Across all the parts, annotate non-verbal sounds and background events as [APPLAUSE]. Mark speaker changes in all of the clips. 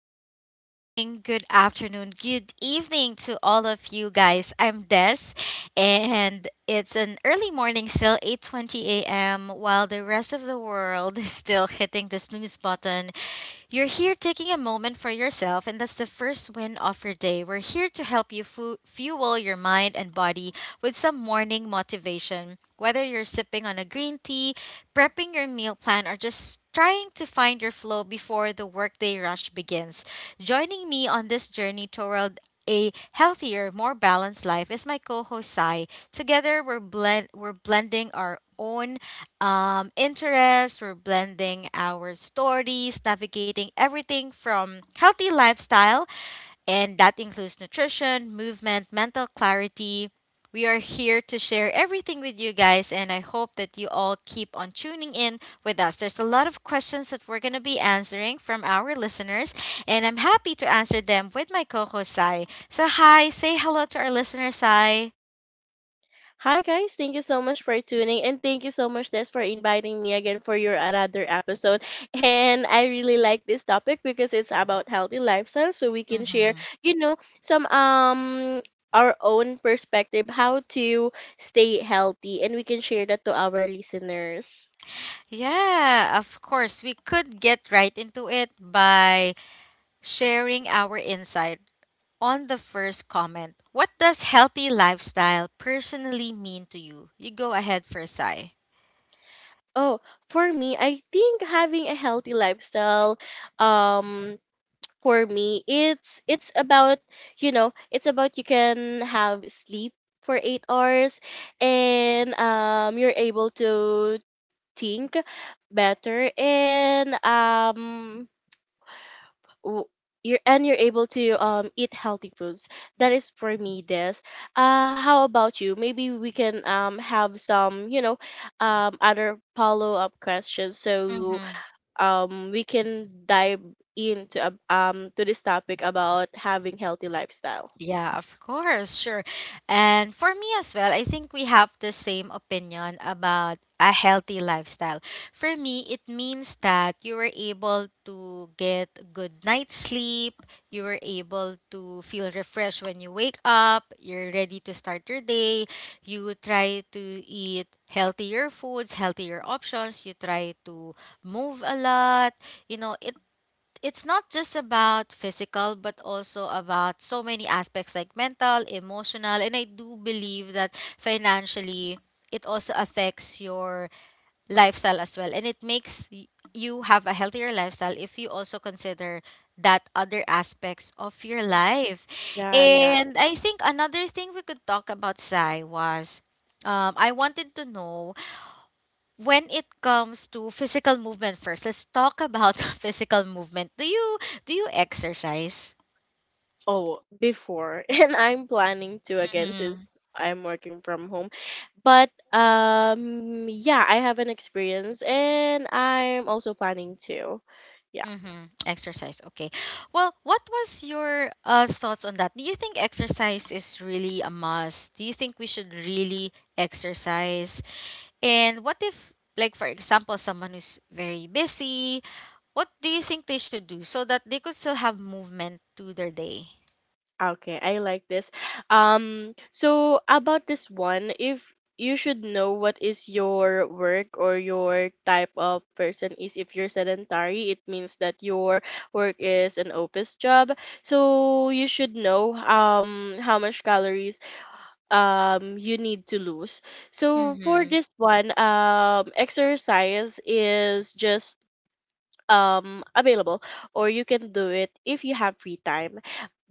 Speaker 1: good morning, good afternoon, good evening to all of you guys. I'm Des and it's an early morning, still 8:20 a.m., while the rest of the world [LAUGHS] is still hitting the snooze button. You're here taking a moment for yourself and that's the first win of your day. We're here to help you fuel your mind and body with some morning motivation. Whether you're sipping on a green tea, prepping your meal plan, or just trying to find your flow before the workday rush begins. Joining me on this journey toward a healthier, more balanced life is my co-host Sai. Together, we're blending our own interests, we're blending our stories, navigating everything from healthy lifestyle, and that includes nutrition, movement, mental clarity. We are here to share everything with you guys, and I hope that you all keep on tuning in with us. There's a lot of questions that we're going to be answering from our listeners, and I'm happy to answer them with my co host, Sai. So, hi, say hello to our listeners, Sai.
Speaker 2: Hi guys, thank you so much for tuning and thank you so much Des for inviting me again for your another episode. [LAUGHS] And I really like this topic because it's about healthy lifestyle so we can share,
Speaker 1: Hmm,
Speaker 2: some our own perspective how to stay healthy and we can share that to our listeners.
Speaker 1: yeah, of course. We could get right into it by sharing our insight on the first comment. What does healthy lifestyle personally mean to you? You go ahead first, Sai.
Speaker 2: Oh, for me, I think having a healthy lifestyle um for me it's about it's about you can have sleep for 8 hours and you're able to think better and w- you're able to eat healthy foods. That is for me this. How about you? Maybe we can have some other follow-up questions, so
Speaker 1: Mm-hmm.
Speaker 2: we can dive into to this topic about having healthy lifestyle.
Speaker 1: Yeah, of course, sure. And for me as well, I think we have the same opinion about a healthy lifestyle. For me, it means that you were able to get good night's sleep, you were able to feel refreshed when you wake up, you're ready to start your day, you try to eat healthier foods, healthier options, you try to move a lot. You know, it's not just about physical but also about so many aspects like mental, emotional, and I do believe that financially it also affects your lifestyle as well, and it makes you have a healthier lifestyle if you also consider that other aspects of your life.
Speaker 2: Yeah, yeah.
Speaker 1: And I think another thing we could talk about, Sai, was, I wanted to know, when it comes to physical movement first, let's talk about [LAUGHS] physical movement. Do you exercise?
Speaker 2: Oh, before, [LAUGHS] and I'm planning to again since
Speaker 1: Mm-hmm.
Speaker 2: I'm working from home. But yeah, I have an experience, and I'm also planning to. Yeah.
Speaker 1: Mm-hmm. Exercise. Okay. Well, what was your thoughts on that? Do you think exercise is really a must? Do you think we should really exercise? And what if, like for example, someone who's very busy? What do you think they should do so that they could still have movement to their day?
Speaker 2: Okay, I like this. So about this one, if you should know what is your work or your type of person is, if you're sedentary, it means that your work is an office job. So you should know how much calories you need to lose. So for
Speaker 1: Mm-hmm.
Speaker 2: this one, exercise is just available, or you can do it if you have free time.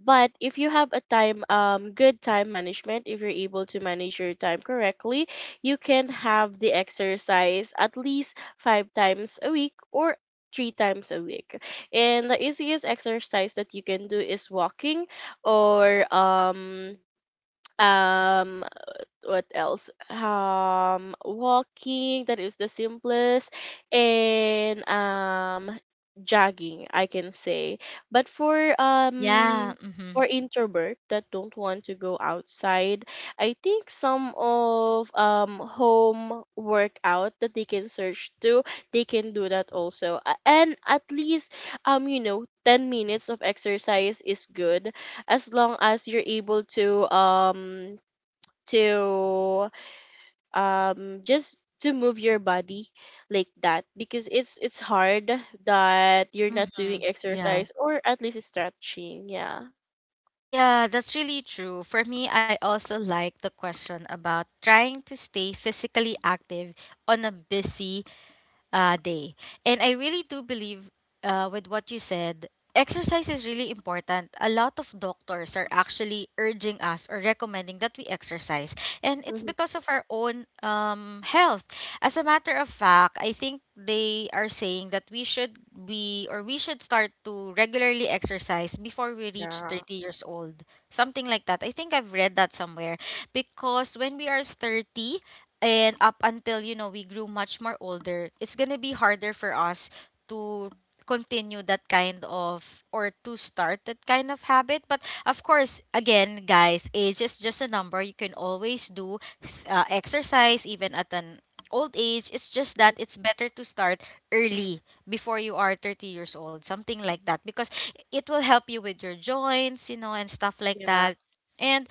Speaker 2: But if you have a time, good time management, if you're able to manage your time correctly, you can have the exercise at least 5 times a week or 3 times a week. And the easiest exercise that you can do is walking, or um what else? Walking, that is the simplest, and jogging, I can say. But
Speaker 1: Yeah. Mm-hmm.
Speaker 2: for introvert that don't want to go outside, I think some of home workout that they can search to, they can do that also. And at least 10 minutes of exercise is good as long as you're able to to just to move your body like that, because it's hard that you're not
Speaker 1: Mm-hmm.
Speaker 2: doing
Speaker 1: Yeah.
Speaker 2: exercise or at least stretching, yeah.
Speaker 1: Yeah, that's really true. For me, I also like the question about trying to stay physically active on a busy day. And I really do believe, with what you said, exercise is really important. A lot of doctors are actually urging us or recommending that we exercise. And it's
Speaker 2: Mhm.
Speaker 1: because of our own health. As a matter of fact, I think they are saying that we should be, or we should start to regularly exercise before we reach 30 years old. Something like that. I think I've read that somewhere, because when we are 30, and up until, you know, we grew much more older, it's gonna be harder for us to continue that kind of, or to start that kind of habit. But of course, again, guys, age is just a number. You can always do exercise even at an old age. It's just that it's better to start early before you are 30 years old, something like that, because it will help you with your joints, you know, and stuff like
Speaker 2: Yeah.
Speaker 1: that. And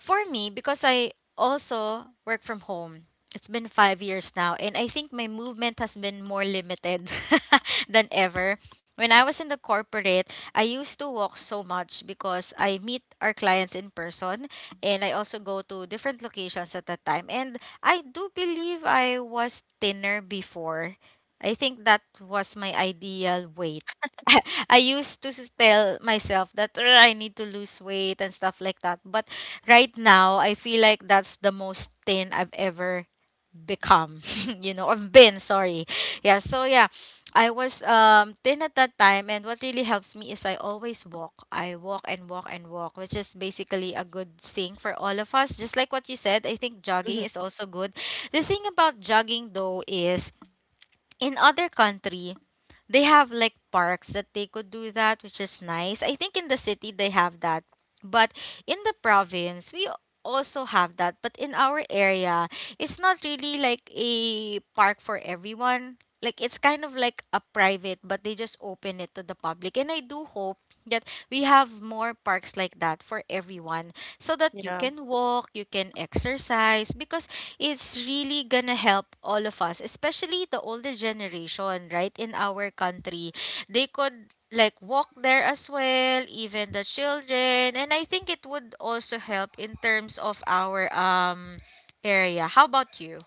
Speaker 1: for me, because I also work from home, it's been 5 years now, and I think my movement has been more limited [LAUGHS] than ever. When I was in the corporate, I used to walk so much because I meet our clients in person, and I also go to different locations at that time. And I do believe I was thinner before. I think that was my ideal weight. [LAUGHS] I used to tell myself that, "Ugh, I need to lose weight and stuff like that." But right now I feel like that's the most thin I've ever become. [LAUGHS] You know, I've been, sorry, yeah, so yeah, I was thin at that time, and what really helps me is I always walk. I walk and walk and walk, which is basically a good thing for all of us. Just like what you said, I think
Speaker 2: Mhm.
Speaker 1: jogging is also good. The thing about jogging though is, in other country they have like parks that they could do that, which is nice. I think in the city they have that. But in the province, we also have that. But in our area, it's not really like a park for everyone. Like it's kind of like a private, but they just open it to the public. And I do hope that we have more parks like that for everyone, so that you
Speaker 2: Yeah.
Speaker 1: can walk, you can exercise, because it's really gonna help all of us, especially the older generation, right? In our country, they could like walk there as well, even the children, and I think it would also help in terms of our area. How about you?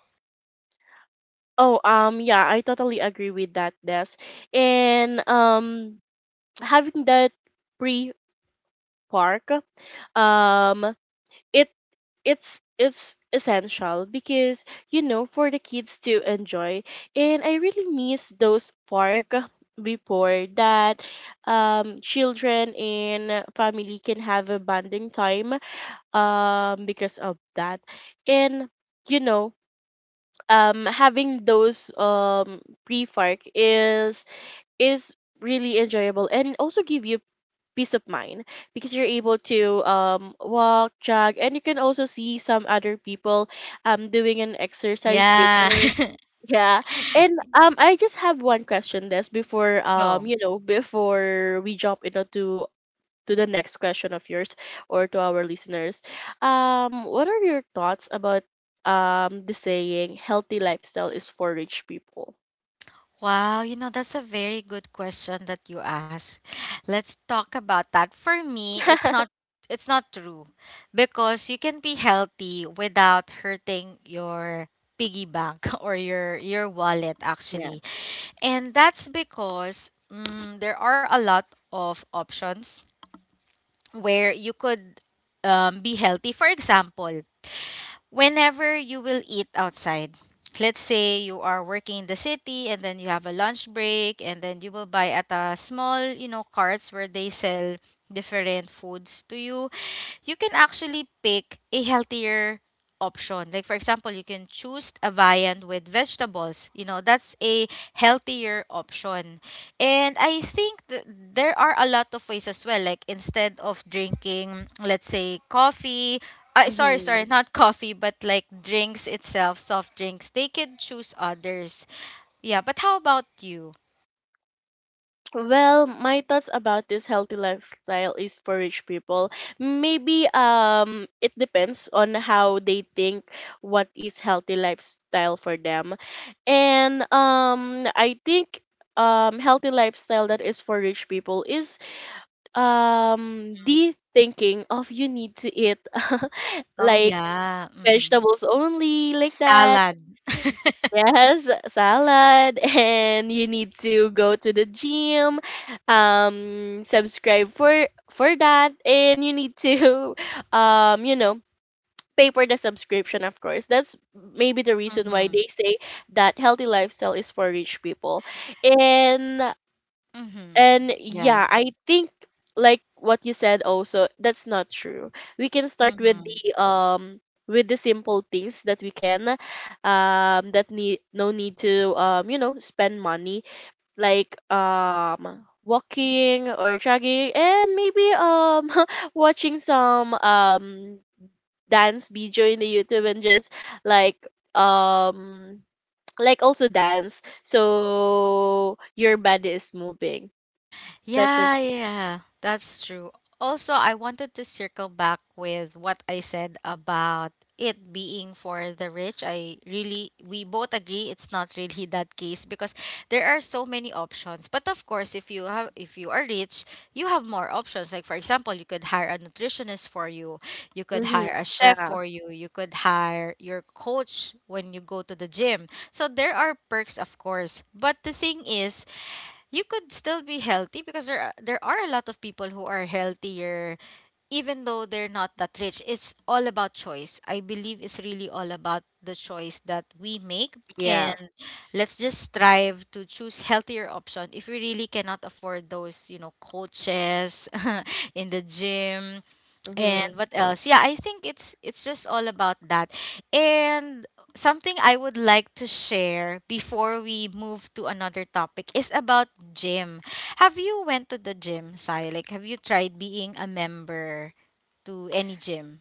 Speaker 2: Oh yeah, I totally agree with that, Des. And having that pre park, um it it's essential because you know for the kids to enjoy. And I really miss those park before that. Children and family can have a bonding time because of that. And you know, having those pre park is really enjoyable, and also give you peace of mind because you're able to walk, jog, and you can also see some other people doing an exercise there.
Speaker 1: Yeah.
Speaker 2: [LAUGHS]
Speaker 1: [LAUGHS]
Speaker 2: Yeah. And I just have one question this before,
Speaker 1: Go.
Speaker 2: before we jump into to the next question of yours or to our listeners. What are your thoughts about the saying healthy lifestyle is for rich people?
Speaker 1: Wow, you know, that's a very good question that you asked. Let's talk about that. For me,
Speaker 2: [LAUGHS]
Speaker 1: it's not true, because you can be healthy without hurting your piggy bank [LAUGHS] or your wallet actually. And that's because, mm, there are a lot of options where you could be healthy. For example, whenever you will eat outside. Let's say you are working in the city and then you have a lunch break, and then you will buy at a small, you know, carts where they sell different foods to you. You can actually pick a healthier option. Like for example, you can choose a viand with vegetables. You know, that's a healthier option. And I think there are a lot of ways as well. Like instead of drinking, let's say coffee, I, sorry,
Speaker 2: Mm-hmm.
Speaker 1: sorry, not coffee, but like drinks itself, soft drinks. They can choose others. Yeah, but how about you?
Speaker 2: Well, my thoughts about this healthy lifestyle is for rich people. Maybe it depends on how they think what is healthy lifestyle for them. And I think healthy lifestyle that is for rich people is the thinking of you need to eat [LAUGHS]
Speaker 1: Oh
Speaker 2: like
Speaker 1: yeah. Mhm.
Speaker 2: vegetables only, like that.
Speaker 1: Salad.
Speaker 2: Yes, salad, [LAUGHS] and you need to go to the gym, subscribe for that, and you need to, [LAUGHS] um, you know, pay for the subscription. Of course, that's maybe the reason why
Speaker 1: Mhm.
Speaker 2: they say that healthy lifestyle is for rich people. and
Speaker 1: Mhm.
Speaker 2: and
Speaker 1: Yeah.
Speaker 2: yeah, I think like what you said also, that's not true. We can start
Speaker 1: Mhm.
Speaker 2: with the simple things that we can that need no need to spend money, like walking or jogging, and maybe [LAUGHS] watching some dance video in the YouTube and just like um [TSK] like also dance so your body is moving. That's
Speaker 1: Yeah, yeah, that's true. Also, I wanted to circle back with what I said about it being for the rich. I really, we both agree it's not really [LAUGHS] that case, because there are so many options. But of course, if you have, if you are rich, you have more options. Like for example, you could hire a nutritionist for you. You could
Speaker 2: Mm-hmm.
Speaker 1: hire a chef
Speaker 2: Yeah.
Speaker 1: for you. You could hire your coach when you go to the gym. So there are perks, of course. But the thing is, you could still be healthy, because there are a lot of people who are healthier even though they're not that rich. It's all about choice. I believe it's really all about the choice that we make.
Speaker 2: Yeah.
Speaker 1: And let's just strive to choose healthier option if we really cannot afford those, you know, coaches [LAUGHS] in the gym. And
Speaker 2: Mm-hmm.
Speaker 1: what else? Yeah, I think it's just all about that. And something I would like to share before we move to another topic is about gym. Have you went to the gym, Sai? Like have you tried being a member to any gym?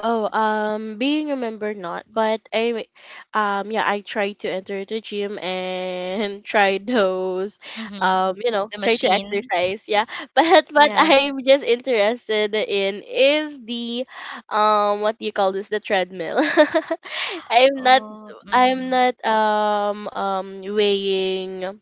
Speaker 2: Oh, being remembered not, but anyway, yeah, I tried to enter the gym and [LAUGHS] try those,
Speaker 1: Mm-hmm. The
Speaker 2: try to
Speaker 1: machine?
Speaker 2: exercise. Yeah, [LAUGHS] but
Speaker 1: Yeah.
Speaker 2: what I'm just interested in is the, what do you call this? The treadmill. [LAUGHS] I'm not.
Speaker 1: Oh,
Speaker 2: I'm
Speaker 1: mm-hmm.
Speaker 2: not. Weighing.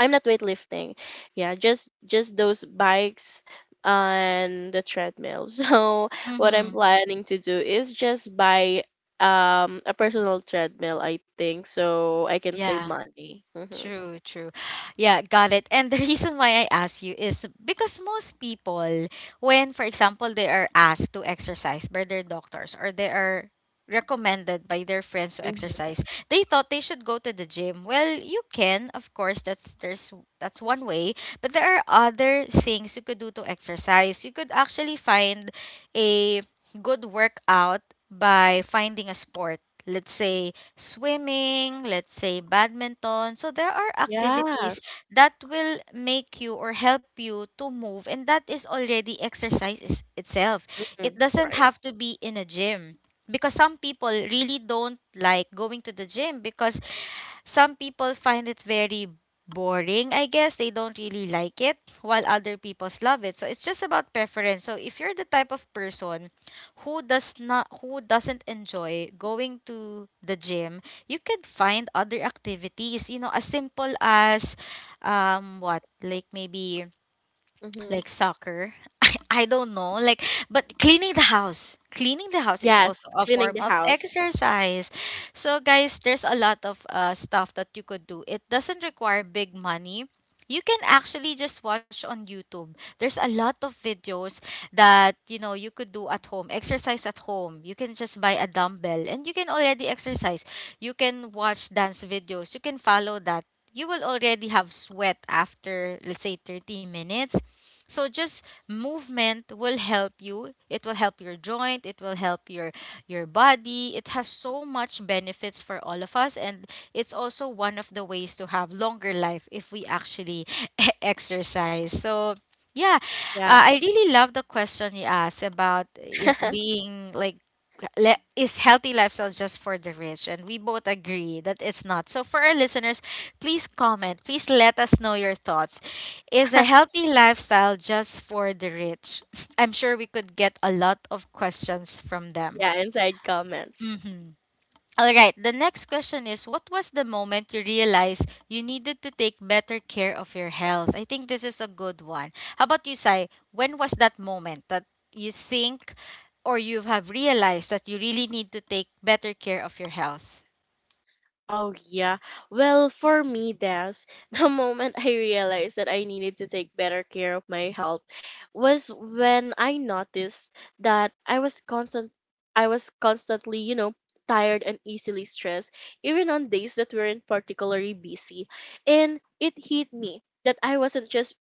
Speaker 2: I'm not weightlifting. Yeah, just those bikes and the treadmill. [LAUGHS] So what I'm
Speaker 1: Mm-hmm.
Speaker 2: planning to do is just buy a personal treadmill, I think, so I can save
Speaker 1: Yeah.
Speaker 2: money. Mhm.
Speaker 1: True, true. Yeah, got it. And the reason why I ask you is because most people, when, for example, they are asked to exercise by their doctors, or they are recommended by their friends to
Speaker 2: Mhm.
Speaker 1: exercise, they thought they should go to the gym. Well, you can, of course, that's there's, that's one way, but there are other things you could do to exercise. You could actually find a good workout by finding a sport. Let's say swimming, let's say badminton. So there are activities
Speaker 2: Yes.
Speaker 1: that will make you or help you to move, and that is already exercise itself. It
Speaker 2: Mm,
Speaker 1: doesn't
Speaker 2: right.
Speaker 1: have to be in a gym, because some people really don't like going to the gym, because some people find it very boring, I guess. They don't really like it, while other people love it. So it's just about preference. So if you're the type of person who doesn't enjoy going to the gym, you can find other activities, you know, as simple as, what, like maybe
Speaker 2: Mhm.
Speaker 1: like soccer. [LAUGHS] I don't know. Like, but cleaning the house. Cleaning the house is
Speaker 2: Yes,
Speaker 1: also a
Speaker 2: cleaning
Speaker 1: form
Speaker 2: the
Speaker 1: of
Speaker 2: house.
Speaker 1: exercise. So guys, there's a lot of stuff that you could do. It doesn't require big money. You can actually just watch on YouTube. There's a lot of videos that, you know, you could do at home. Exercise at home. You can just buy a dumbbell and you can already exercise. You can watch dance videos. You can follow that. You will already have sweat after let's say 30 minutes, so just movement will help you. It will help your joint, it will help your body. It has so much benefits for all of us, and it's also one of the ways to have longer life if we actually [LAUGHS] exercise. So yeah,
Speaker 2: Yeah.
Speaker 1: I really love the question you asked about is
Speaker 2: [LAUGHS]
Speaker 1: being like is healthy lifestyle just for the rich, and we both agree that it's not. So for our listeners, please comment, please let us know your thoughts. Is a healthy lifestyle just for the rich? [LAUGHS] I'm sure we could get a lot of questions from them.
Speaker 2: Yeah, inside comments.
Speaker 1: Mhm. All right, the next question is, what was the moment you realized you needed to take better care of your health? I think this is a good one. How about you, Sai? When was that moment that you think or you have realized that you really need to take better care of your health?
Speaker 2: Oh yeah. Well, for me, Des, [LAUGHS] the moment I realized that I needed to take better care of my health was when I noticed that I was constantly, you know, tired and easily stressed, even on days that weren't particularly busy. And it hit me that I wasn't just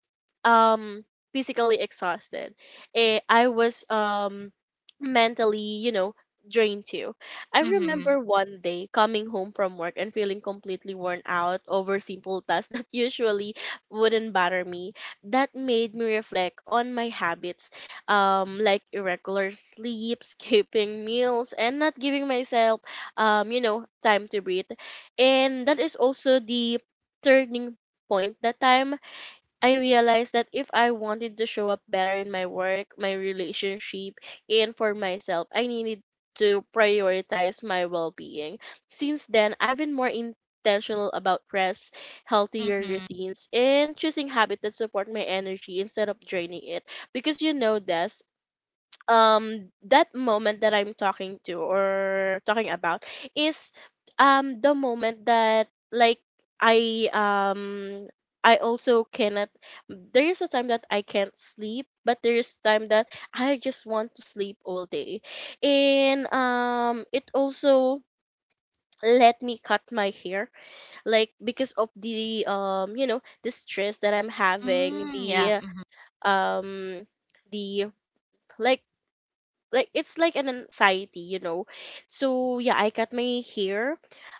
Speaker 2: um physically exhausted. Eh, I was mentally, you know, drained too. I
Speaker 1: Mm-hmm.
Speaker 2: remember one day coming home from work and feeling completely worn out over simple tasks [LAUGHS] that usually wouldn't bother me. That made me reflect on my habits, like irregular sleep, [LAUGHS] skipping meals, and not giving myself, time to breathe. And that is also the turning point. That time I realized that if I wanted to show up better in my work, my relationship, and for myself, I needed to prioritize my well being. Since then, I've been more intentional about rest, healthier
Speaker 1: Mm-hmm.
Speaker 2: routines, and choosing habits that support my energy instead of draining it. Because you know, Des, that moment that I'm talking to or talking about is the moment that like I um I also cannot. There is a time that I can't sleep, but there is time that I just want to sleep all day. And it also let me cut my hair, like because of the the stress that I'm having,
Speaker 1: Mm, yeah. Mm-hmm.
Speaker 2: um the like like it's like an anxiety, you know. So yeah, I cut my hair,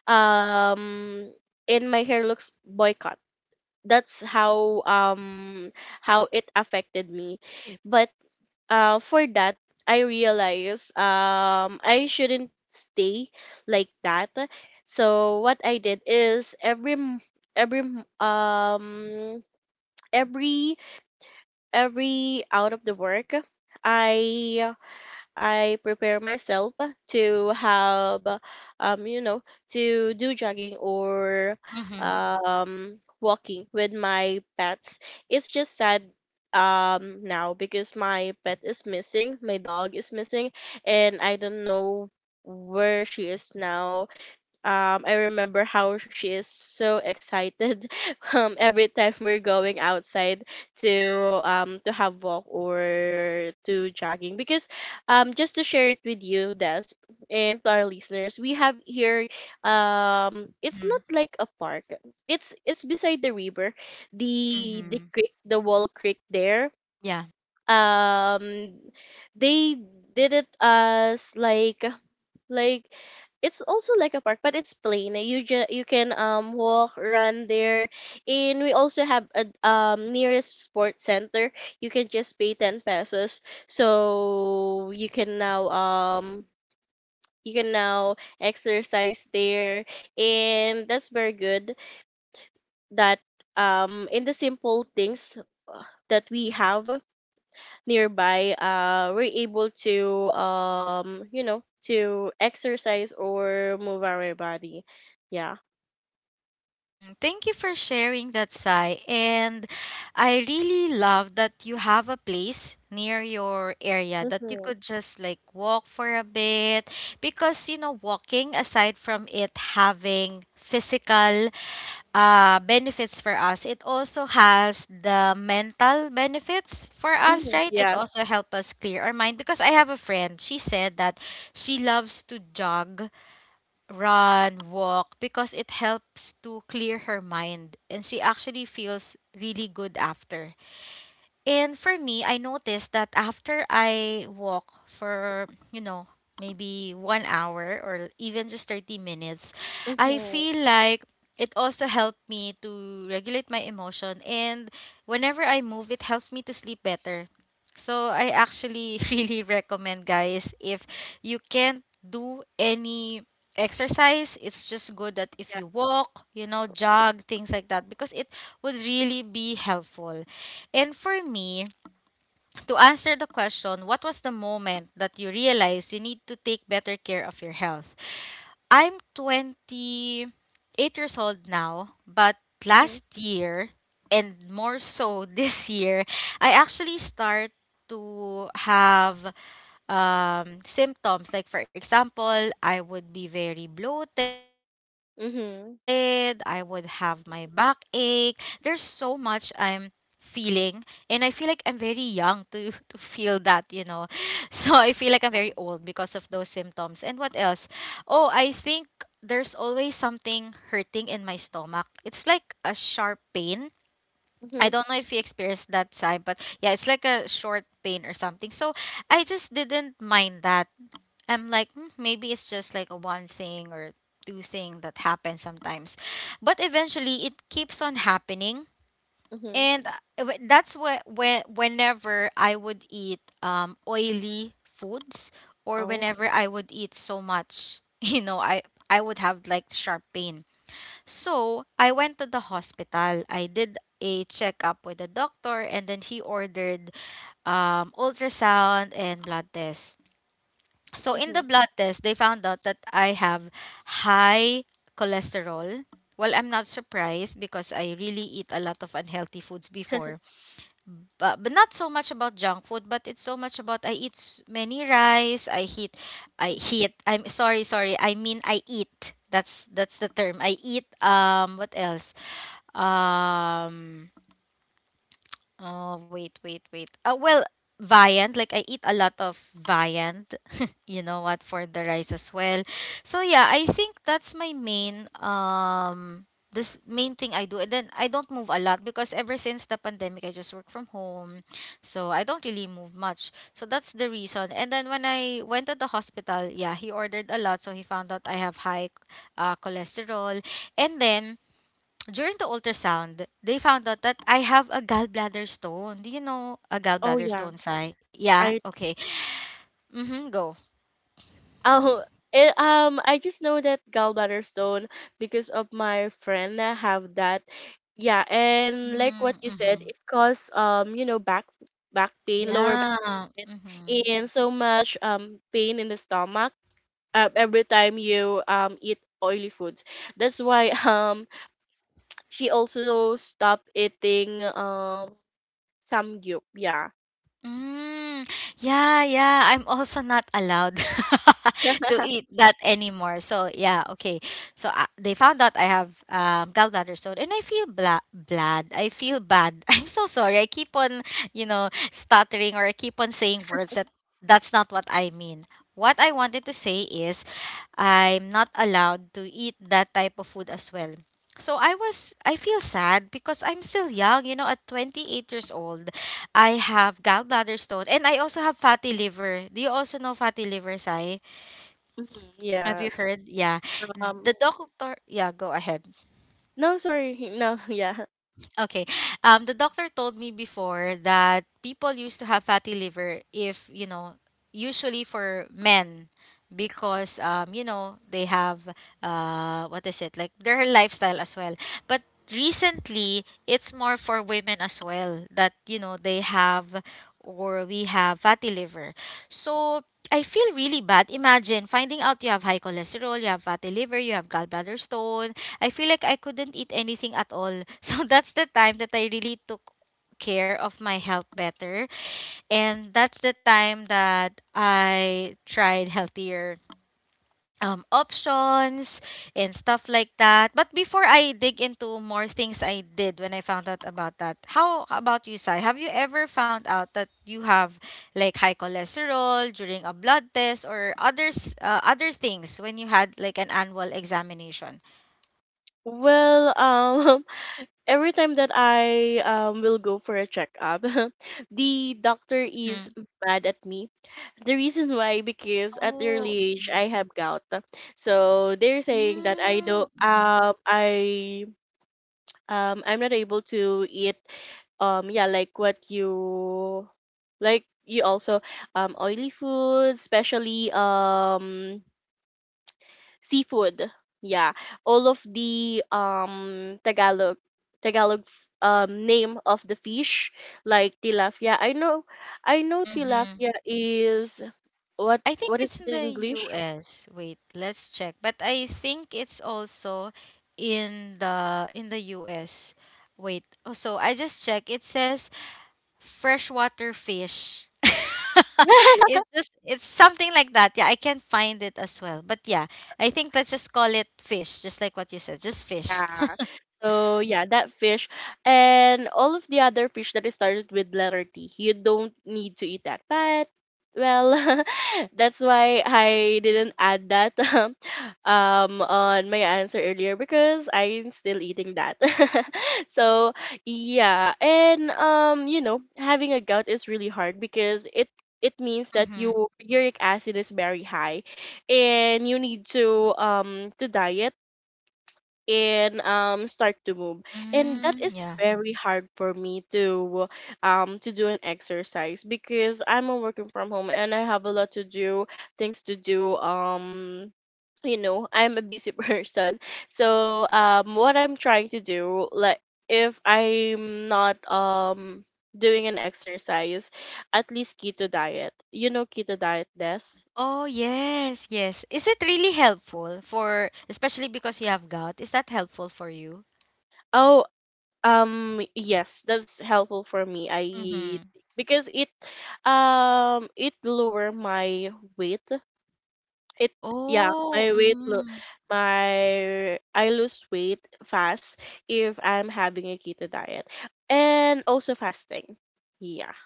Speaker 2: um and my hair looks boycott. That's how, how it affected me. But uh, for that, I realized I shouldn't stay like that. So what I did is every m- every m- every every out of the work, i I prepare myself to have, um, you know, to do jogging or
Speaker 1: Mm-hmm.
Speaker 2: walking with my pets. It's just sad now because my pet is missing, my dog is missing, and I don't know where she is now. I remember how she is so excited [LAUGHS] every time we're going outside to, to have walk or to jogging. Because, just to share it with you, Des, and to our listeners, we have here, it's not like a park. It's beside the river, the
Speaker 1: Mm-hmm.
Speaker 2: creek, the wall creek there.
Speaker 1: Yeah.
Speaker 2: Um, they did it as like it's also like a park, but it's plain. You you can walk, run there, and we also have a nearest sports center. You can just pay 10 pesos, so you can now exercise there, and that's very good. That in the simple things uh, that we have nearby, we're able to to exercise or move our body, yeah.
Speaker 1: Mhm. Thank you for sharing that, Sai. And I really love that you have a place near your area that you
Speaker 2: Mm-hmm.
Speaker 1: could just like walk for a bit, because you know, walking, aside from it having physical benefits for us, it also has the mental benefits for us,
Speaker 2: Hmm,
Speaker 1: right? It
Speaker 2: yes.
Speaker 1: also helps us clear our mind. Because I have a friend, she said that she loves to jog, run, walk because it helps to clear her mind and she actually feels really good after. And for me, I noticed that after I walk for, you know, maybe 1 hour or even just 30 minutes, I
Speaker 2: Mm-hmm.
Speaker 1: feel like it also helped me to regulate my emotion. And whenever I move, it helps me to sleep better. So I actually [LAUGHS] really recommend, guys, if you can't do any exercise, it's just good that if
Speaker 2: Yeah.
Speaker 1: you walk, you know, jog, things like that, because it would really be helpful. And for me, to answer the question, what was the moment that you realized you need to take better care of your health? I'm 28 years old now, but
Speaker 2: Mm-hmm.
Speaker 1: last year, and more so [LAUGHS] this year, I actually start to have symptoms. Like, for example, I would be very bloated, I would have
Speaker 2: Mm-hmm.
Speaker 1: my backache. There's so much I'm feeling, and I feel like I'm very young to [LAUGHS] to feel that, you know. [LAUGHS] So I feel like I'm very old
Speaker 2: Yeah.
Speaker 1: because of those symptoms. And what else? Oh, I think there's always something hurting in my stomach. It's like a sharp pain. I
Speaker 2: Mm-hmm.
Speaker 1: don't know if you experienced that, side, but yeah, it's like a short pain or something. So I just didn't mind that. I'm like, "Hmm, maybe it's just like a one thing or two thing that happens sometimes." But eventually it keeps on happening.
Speaker 2: Mm-hmm.
Speaker 1: And that's where whenever I would eat oily foods, or
Speaker 2: Oh.
Speaker 1: whenever I would eat so much, [LAUGHS] you know, I would have like sharp pain. So I went to the hospital. I did a checkup with the doctor, and then he ordered ultrasound and blood test. So in the
Speaker 2: Mm-hmm.
Speaker 1: blood test, they found out that I have high cholesterol. Well, I'm not surprised because I really eat a lot of unhealthy foods before.
Speaker 2: [LAUGHS]
Speaker 1: But not so much about junk food, but it's so much about many rice, I eat I
Speaker 2: Mhm.
Speaker 1: eat. I'm sorry, sorry. I mean I eat. That's the term. I eat what else? Um, oh wait. Well, viand. Like I eat a lot of viand. [LAUGHS] You know what, for the rice as well. So yeah, I think that's my main this main thing I do. And then I don't move a lot because ever since the pandemic, I just work from home, so I don't really move much. So that's the reason. And then when I went to the hospital, yeah, he ordered a lot, so he found out I have high cholesterol, and then during the ultrasound, they found out that I have a gallbladder stone. Do you know a
Speaker 2: Oh
Speaker 1: gallbladder
Speaker 2: yeah,
Speaker 1: stone, Sai? Yeah,
Speaker 2: I
Speaker 1: okay. Mm-hmm, go.
Speaker 2: oh I just know that gallbladder stone because of my friend that have that. Yeah, and like what you said,
Speaker 1: Mm-hmm.
Speaker 2: it cause back pain, lower
Speaker 1: Yeah.
Speaker 2: it,
Speaker 1: Mm-hmm.
Speaker 2: and so much pain in the stomach, every time you eat oily foods. That's why [LAUGHS] she also stopped eating samgyup. Yeah.
Speaker 1: Mm. Yeah, yeah. I'm also not allowed [LAUGHS]
Speaker 2: [LAUGHS]
Speaker 1: to eat that anymore. So yeah, okay. So they found out I have gallbladder stone, and I feel bad. I feel bad. [LAUGHS] I'm so sorry. I keep on, you know, stuttering, or I keep on saying words that that's not what I mean. What I wanted to say is I'm not allowed to eat that type of food as well. So I feel sad because I'm still young, you know, at 28 years old. I have gallbladder stone and I also have fatty liver. Do you also know fatty liver, Sai?
Speaker 2: Mhm,
Speaker 1: Have you
Speaker 2: yes.
Speaker 1: heard? Yeah. The
Speaker 2: Um.
Speaker 1: doctor, yeah, go ahead.
Speaker 2: No, sorry. [LAUGHS] No. Yeah.
Speaker 1: Okay. The doctor told me before that people used to have fatty liver if, you know, usually for men because you know, they have what is it? Like their lifestyle as well. But recently it's more for women as well that, you know, they have or we have fatty liver. So I feel really bad. Imagine finding out you have high cholesterol, you have fatty liver, you have gallbladder stone, I feel like I couldn't eat anything at all. [LAUGHS] So that's the time that I really took care of my health better. And that's the time that I tried healthier options and stuff like that. But before I dig into more things I did when I found out about that, how about you, Sai? Have you ever found out that you have like high cholesterol during a blood test or others other things when you had like an annual examination?
Speaker 2: Well, [LAUGHS] every time that I will go for a checkup, [LAUGHS] the doctor is mad at me. The reason why: because at the
Speaker 1: Oh,
Speaker 2: early age
Speaker 1: mhm.
Speaker 2: I have gout, so they're saying that I do
Speaker 1: Mm, mhm,
Speaker 2: not I'm not able to eat yeah, like what you, like you also, oily food, especially seafood. Yeah. All of the Tagalog name of the fish, like tilapia. I know, I know
Speaker 1: mhm.
Speaker 2: tilapia is,
Speaker 1: I think
Speaker 2: what is
Speaker 1: it's
Speaker 2: it
Speaker 1: in
Speaker 2: in
Speaker 1: the
Speaker 2: English?
Speaker 1: US. Wait, let's check. But I think it's also in the US. Wait. Oh, so I just checked. It says freshwater fish. [LAUGHS]
Speaker 2: [LAUGHS]
Speaker 1: It's just it's something like that. Yeah, I can find it as well. But yeah, I think let's just call it fish, just like what you said, just fish.
Speaker 2: Yeah. So yeah, that fish and all of the other fish that is started with letter T, you don't need to eat that. But well, [LAUGHS] that's why I didn't add that [LAUGHS] on my answer earlier because I'm still eating that. [LAUGHS] so yeah, and you know having a gout is really hard because it means that
Speaker 1: Mm-hmm.
Speaker 2: your uric acid is very high, and you need to diet and start to move, and that
Speaker 1: Mm,
Speaker 2: is
Speaker 1: yeah.
Speaker 2: very hard for me to do an exercise because I'm a working from home and I have a lot to do, things to do. I'm a busy [LAUGHS] person, so what I'm trying to do, like, if I'm not doing an exercise, at least keto diet, keto diet, Des.
Speaker 1: Oh, yes, yes. Is it really helpful for, especially because you have gout? Is that helpful for you?
Speaker 2: Oh, um, yes, that's helpful for me. I
Speaker 1: Mm-hmm.
Speaker 2: because it it lower my weight. It Yeah,
Speaker 1: Oh, mm,
Speaker 2: my, I lose weight fast if I'm having a keto diet and also fasting. Yeah.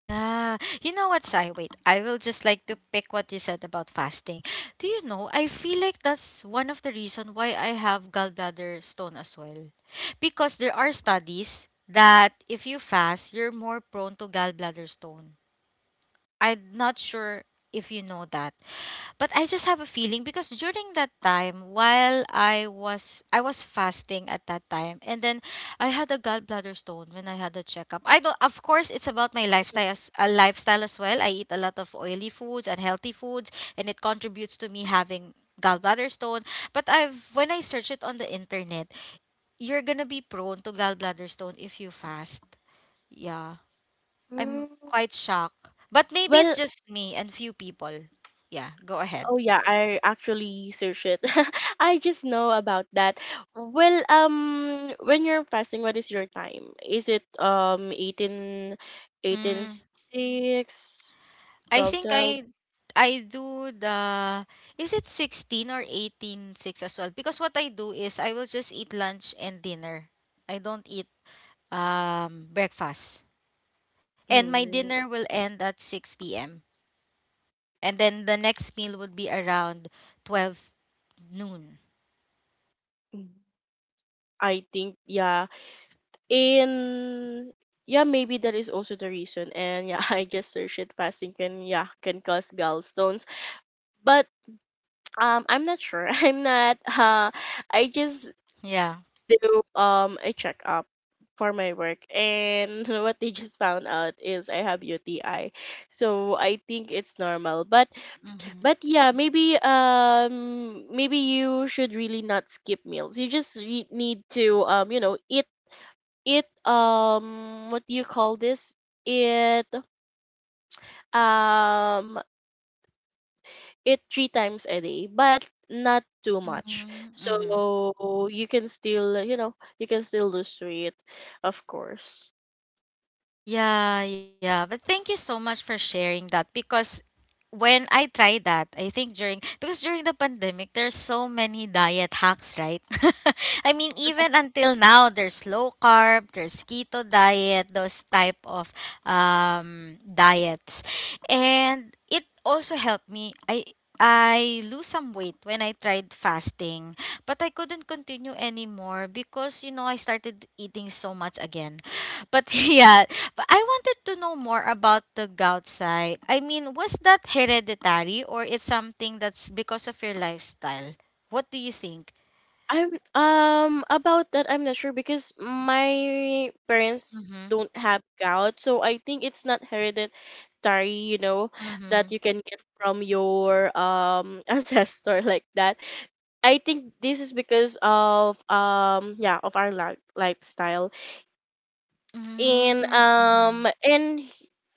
Speaker 1: yeah. You know what, Sai? Wait, I will just like to pick what you said about fasting. Do you know, I feel like that's one of the reason why I have gallbladder stone as well. Because there are studies that if you fast, you're more prone to gallbladder stone. I'm not sure if you know that. But I just have a feeling because during that time, while I was fasting at that time, and then I had a gallbladder stone when I had a checkup. I don't, of course it's about my lifestyle, as a lifestyle as well. I eat a lot of oily foods and healthy foods and it contributes to me having gallbladder stone. But I've when I search it on the internet, you're gonna be prone to gallbladder stone if you fast. Yeah.
Speaker 2: Mm.
Speaker 1: I'm quite shocked. But maybe it's
Speaker 2: Well,
Speaker 1: just me and few people. Yeah, go
Speaker 2: oh
Speaker 1: ahead.
Speaker 2: yeah, I actually search it. [LAUGHS] I just know about that. Well, when you're fasting, what is your time? Is it 18, eighteen six
Speaker 1: I
Speaker 2: twelve
Speaker 1: think
Speaker 2: twelve?
Speaker 1: I do the, is it 16 or 18:6 as well? Because what I do is I will just eat lunch and dinner. I don't eat breakfast. And my
Speaker 2: 18, mm,
Speaker 1: dinner will end at 6 p.m. And then the next meal would be around 12 noon.
Speaker 2: mm, I think yeah. In Yeah, maybe that is also the reason. And yeah, [LAUGHS] I just searched it. Fasting can, yeah, can cause gallstones, but I'm not sure. [LAUGHS] I'm not. I just
Speaker 1: Yeah.
Speaker 2: do a checkup for my work, and [LAUGHS] what they just found out is I have UTI. So I think it's normal. But
Speaker 1: Mhm.
Speaker 2: but yeah, maybe maybe you should really not skip meals. You just need to eat, eat, what do you call this? Eat, um eat 3 times a day, but not too much.
Speaker 1: Mhm. Mhm.
Speaker 2: So you can still, you can still lose weight, of course.
Speaker 1: Yeah, yeah. But thank you so much for sharing that, because when I tried that, I think during, because during the pandemic there's so many diet hacks, right? [LAUGHS] I mean, even until now there's low carb, there's keto diet, those type of diets. And it also helped me. I lose some weight when I tried fasting, but I couldn't continue anymore because you know I started eating so much again. But [LAUGHS] yeah, but I wanted to know more about the gout side. I mean, was that hereditary or it's something that's because of your lifestyle? What do you think?
Speaker 2: I'm, about that I'm not sure because my parents
Speaker 1: Mhm.
Speaker 2: don't have gout, so I think it's not hereditary, you know, that
Speaker 1: Mhm.
Speaker 2: you can get from your [LAUGHS] ancestor like that. I think this is because of yeah, of our lifestyle, in
Speaker 1: Mm,
Speaker 2: um
Speaker 1: mhm.
Speaker 2: in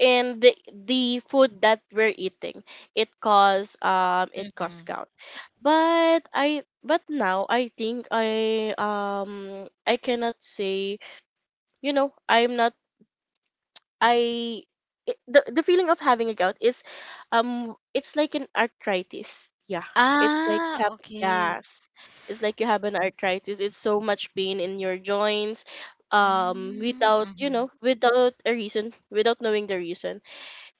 Speaker 2: in the food that we're eating. It cause
Speaker 1: Mhm.
Speaker 2: gout, but I but now I think I cannot say, you know, I'm not, I, it, the feeling of having a gout is, it's like an arthritis. Yeah. It's like you
Speaker 1: Ah,
Speaker 2: have,
Speaker 1: okay.
Speaker 2: yes. It's like you have an arthritis. It's so much pain in your joints,
Speaker 1: Mm,
Speaker 2: without, you
Speaker 1: mhm.
Speaker 2: know, without a reason, without knowing the reason,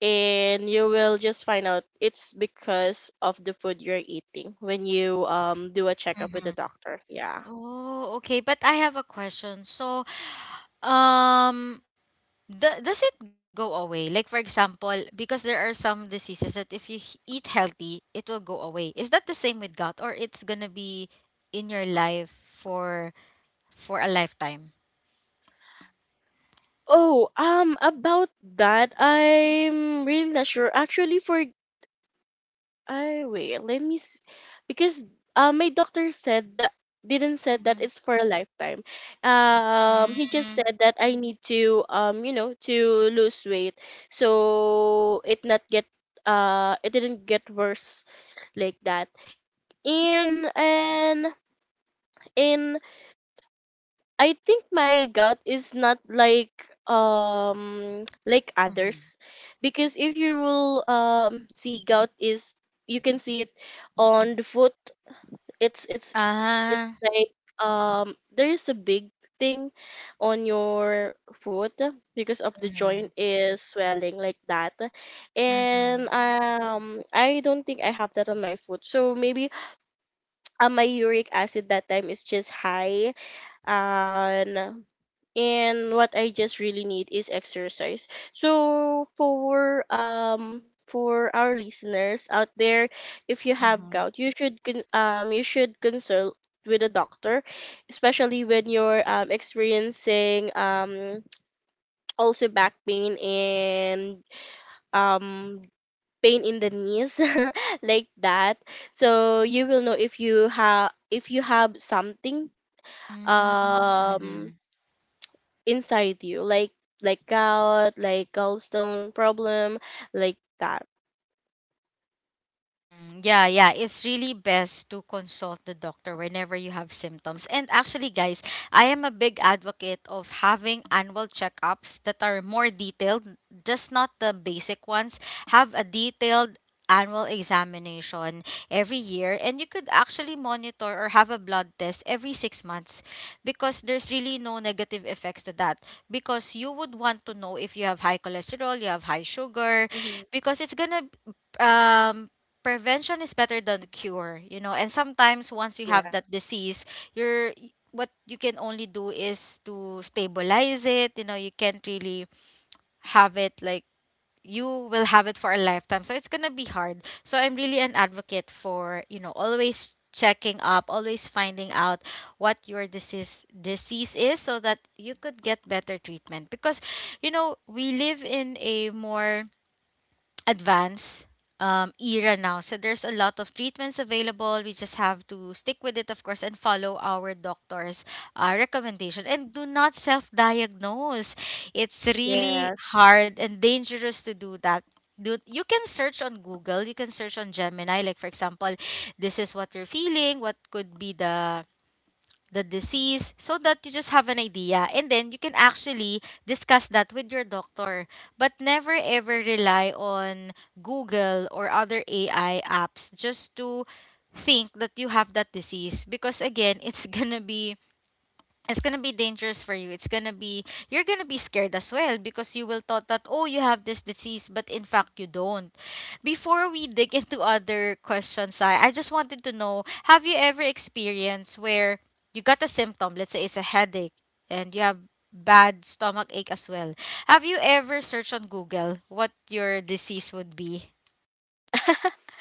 Speaker 2: and you will just find out it's because of the food you're eating when you do a checkup with the
Speaker 1: Mhm.
Speaker 2: doctor. Yeah.
Speaker 1: Oh, okay. But I have a question. So, um, do, does it go away? Like for example, because there are some diseases that if you eat healthy, it will go away. Is that the same with gout, or it's going to be in your life for a lifetime?
Speaker 2: Oh, about that, I'm really not sure actually, for, oh wait, let me because, my doctor said that, didn't said that
Speaker 1: Mhm.
Speaker 2: it's for a lifetime. He just
Speaker 1: Mm,
Speaker 2: said that I need to to lose weight so it not get, it didn't get worse, like that. And and and I think my gout is not like like
Speaker 1: mhm.
Speaker 2: others, because if you will see, gout is, you can see it on the foot. It's it's it's
Speaker 1: Ah.
Speaker 2: like, there is a big thing on your foot because of the
Speaker 1: Mhm.
Speaker 2: joint is swelling like that. And
Speaker 1: Mhm.
Speaker 2: I don't think I have that on my foot, so maybe, my uric acid that time is just high, and and what I just really need is exercise. So for our listeners out there, if you have
Speaker 1: Mhm.
Speaker 2: gout, you should you should consult with a doctor, especially when you're experiencing [TSK] also back pain and um pain in the knees [LAUGHS] like that. So you will know if you have, if you have something
Speaker 1: Mm,
Speaker 2: um
Speaker 1: mhm.
Speaker 2: inside you, like gout, like gallstone problem, like that.
Speaker 1: Mhm. Yeah, yeah. It's really best to consult the doctor whenever you have symptoms. And actually, guys, I am a big advocate of having annual checkups that are more detailed, just not the basic ones. Have a detailed annual examination every year and you could actually monitor or have a blood test every 6 months because there's really no negative effects to that because you would want to know if you have high cholesterol you have high sugar
Speaker 2: Mhm.
Speaker 1: because it's gonna um prevention is better than cure. And sometimes once you have
Speaker 2: Yeah.
Speaker 1: that disease you're what you can only do is to stabilize it. You can't really have it like you will have it for a lifetime so it's gonna be hard so I'm really an advocate for always checking up always finding out what your disease is so that you could get better treatment because we live in a more advanced era now. So there's a lot of treatments available. We just have to stick with it, of course, and follow our doctor's recommendation. And do not self diagnose. It's really
Speaker 2: Yeah.
Speaker 1: hard and dangerous to do that. You can search on Google, you can search on Gemini, like for example, this is what you're feeling, what could be the disease so that you just have an idea and then you can actually discuss that with your doctor but never ever rely on google or other ai apps just to think that you have that disease because again it's [LAUGHS] gonna be it's gonna be dangerous for you. It's gonna be you're gonna be scared as well because you will thought that oh you have this disease, but in fact you don't. Before we dig into other questions, I just wanted to know have you ever experienced where you got a symptom? Let's say it's a headache and you have bad stomach ache as well. Have you ever searched on Google what your disease would be?
Speaker 2: [LAUGHS]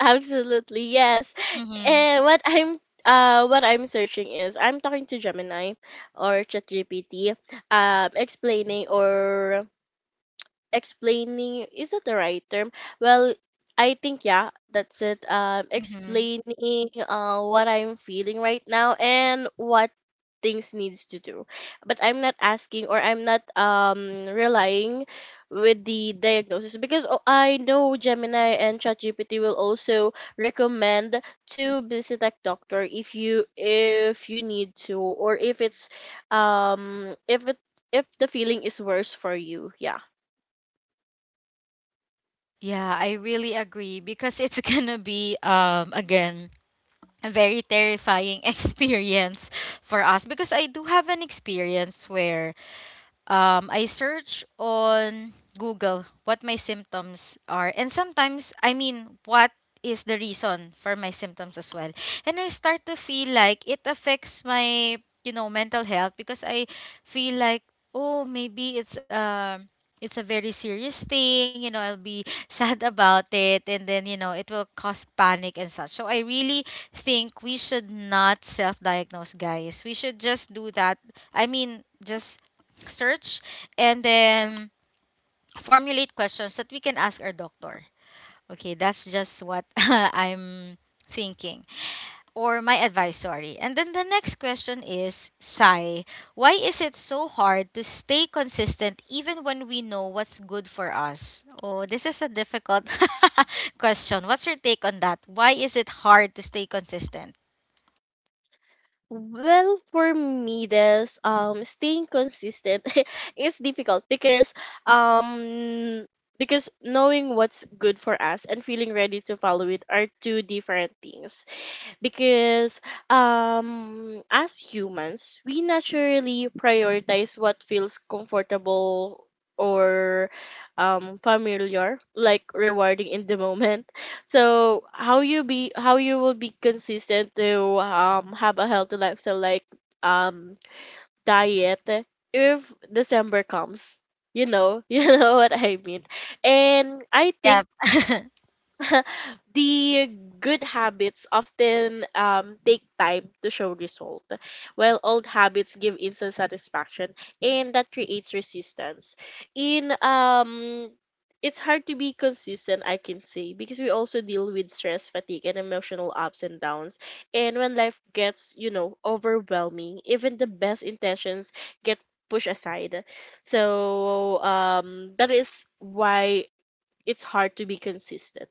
Speaker 2: Absolutely. Yes.
Speaker 1: Mm-hmm.
Speaker 2: And what I'm, what I'm searching is I'm talking to Gemini or ChatGPT, explaining, or explaining, is that the right term? Well, I think yeah, that's it. Um,
Speaker 1: Mm-hmm.
Speaker 2: explaining, what I'm feeling right now and what things needs to do. But I'm not asking, or I'm not relying with the diagnosis because, oh, I know Gemini and ChatGPT will also recommend to visit a doctor if you, if you need to, or if it's um if it if the feeling is worse for you. Yeah.
Speaker 1: Yeah, I really agree because it's [LAUGHS] gonna be again a very terrifying [LAUGHS] experience for us because I do have an experience where I search on Google what my symptoms are. And sometimes, I mean, what is the reason for my symptoms as well. And I start to feel like it affects my, mental health because I feel like, oh, maybe it's it's a very serious thing, I'll be [LAUGHS] sad about it and then, it will cause panic and such. So I really think we should not self-diagnose, guys. We should just do that. I mean, just search and then formulate questions that we can ask our doctor. Okay, that's just what [LAUGHS] I'm thinking or my advice, sorry. And then the next question is Sai, why is it so hard to stay consistent even when we know what's good for us? Oh, this is a difficult [LAUGHS] question. What's your take on that? Why is it hard to stay consistent?
Speaker 2: Well, for me, this staying consistent [LAUGHS] is difficult because, um because knowing what's good for us and feeling ready to follow it are two different things, because as humans we naturally prioritize what feels comfortable or familiar, like rewarding in the moment. So how you be, how you will be consistent to have a healthy lifestyle, like, um diet, if December comes, you know, [LAUGHS] you know what I mean. And I
Speaker 1: Yeah.
Speaker 2: think
Speaker 1: [LAUGHS]
Speaker 2: [LAUGHS] the good habits often, take time to show result, while old habits give instant satisfaction, and that creates resistance. In it's hard to be consistent, I can say, because we also deal with stress, fatigue, and emotional ups and downs. And when life gets, you know, overwhelming, even the best intentions get pushed aside. So that is why it's hard to be consistent,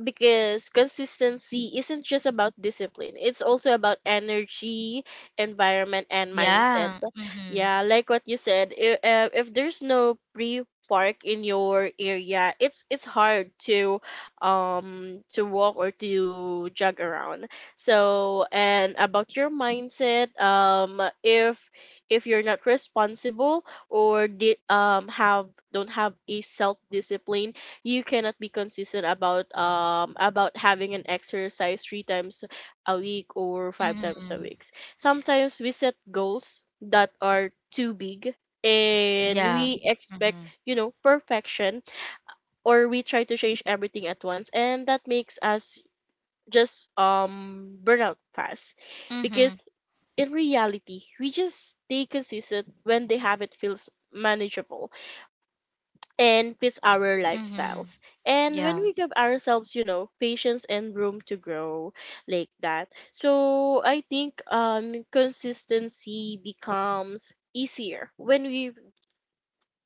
Speaker 2: because consistency isn't just about discipline, it's also about energy, environment, and mindset.
Speaker 1: Yeah. Mm-hmm.
Speaker 2: Yeah, like what you said, if there's no pre park in your area, it's hard to walk or to jog around. So, and about your mindset, if you're not responsible or have, don't have a self discipline, you cannot be consistent about having an exercise 3 times a week or five times a
Speaker 1: Mm-hmm.
Speaker 2: week. Sometimes we set goals that are too big and
Speaker 1: Yeah.
Speaker 2: we expect,
Speaker 1: Mm-hmm.
Speaker 2: you know, perfection, or we try to change everything at once, and that makes us just burn out fast,
Speaker 1: Mm-hmm.
Speaker 2: because in reality we just stay consistent when the habit feels manageable and fits our
Speaker 1: Mm-hmm.
Speaker 2: lifestyles. And when
Speaker 1: Yeah.
Speaker 2: we give ourselves, you know, patience and room to grow, like that. So I think consistency becomes easier when we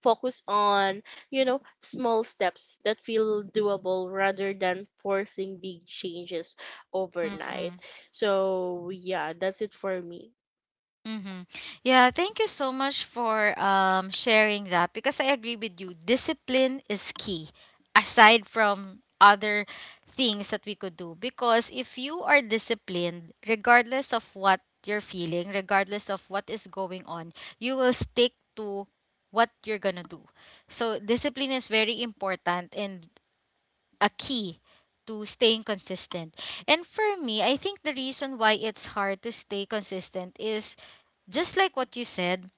Speaker 2: focus on, you know, small steps that feel doable rather than forcing big changes
Speaker 1: Mm-hmm.
Speaker 2: overnight. So yeah, that's it for me.
Speaker 1: Mm-hmm. Yeah, thank you so much for sharing that because I agree with you. Discipline is key aside from other things that we could do because if you are disciplined regardless of what you're feeling, regardless of what is going on, you will stick to what you're going to do. So discipline is very important and a key to staying consistent. And for me, I think the reason why it's hard to stay consistent is just like what you said,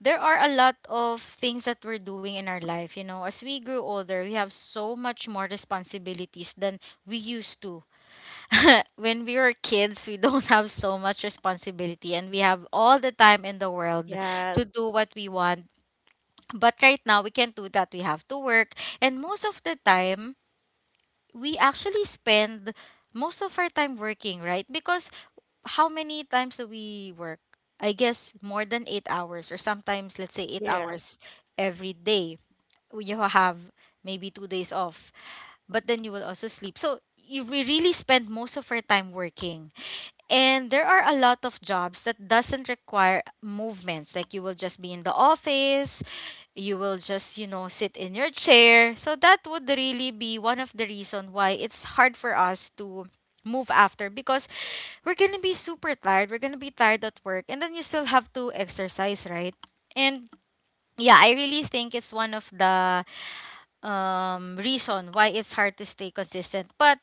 Speaker 1: there are a lot of things that we're doing in our life. You know, as we grew older, we have so much more responsibilities than we used to. [LAUGHS] When we were kids, we don't have so much responsibility and we have all the time in the world to
Speaker 2: Yes,
Speaker 1: do what we want. But right now, we can't do that. We have to work. And most of the time, we actually spend most of our time working, right? Because how many times do we work? I guess more than 8 hours, or sometimes, let's say, eight
Speaker 2: yeah,
Speaker 1: hours every day. You have maybe 2 days off, but then you will also sleep. So you we really spend most of our time working and there are a lot of jobs that doesn't require movements like you will just be in the office you will just sit in your chair so that would really be one of the reason why it's hard for us to move after because we're gonna be super tired we're gonna be tired at work and then you still have to exercise right and yeah I really think it's one of the reason why it's hard to stay consistent but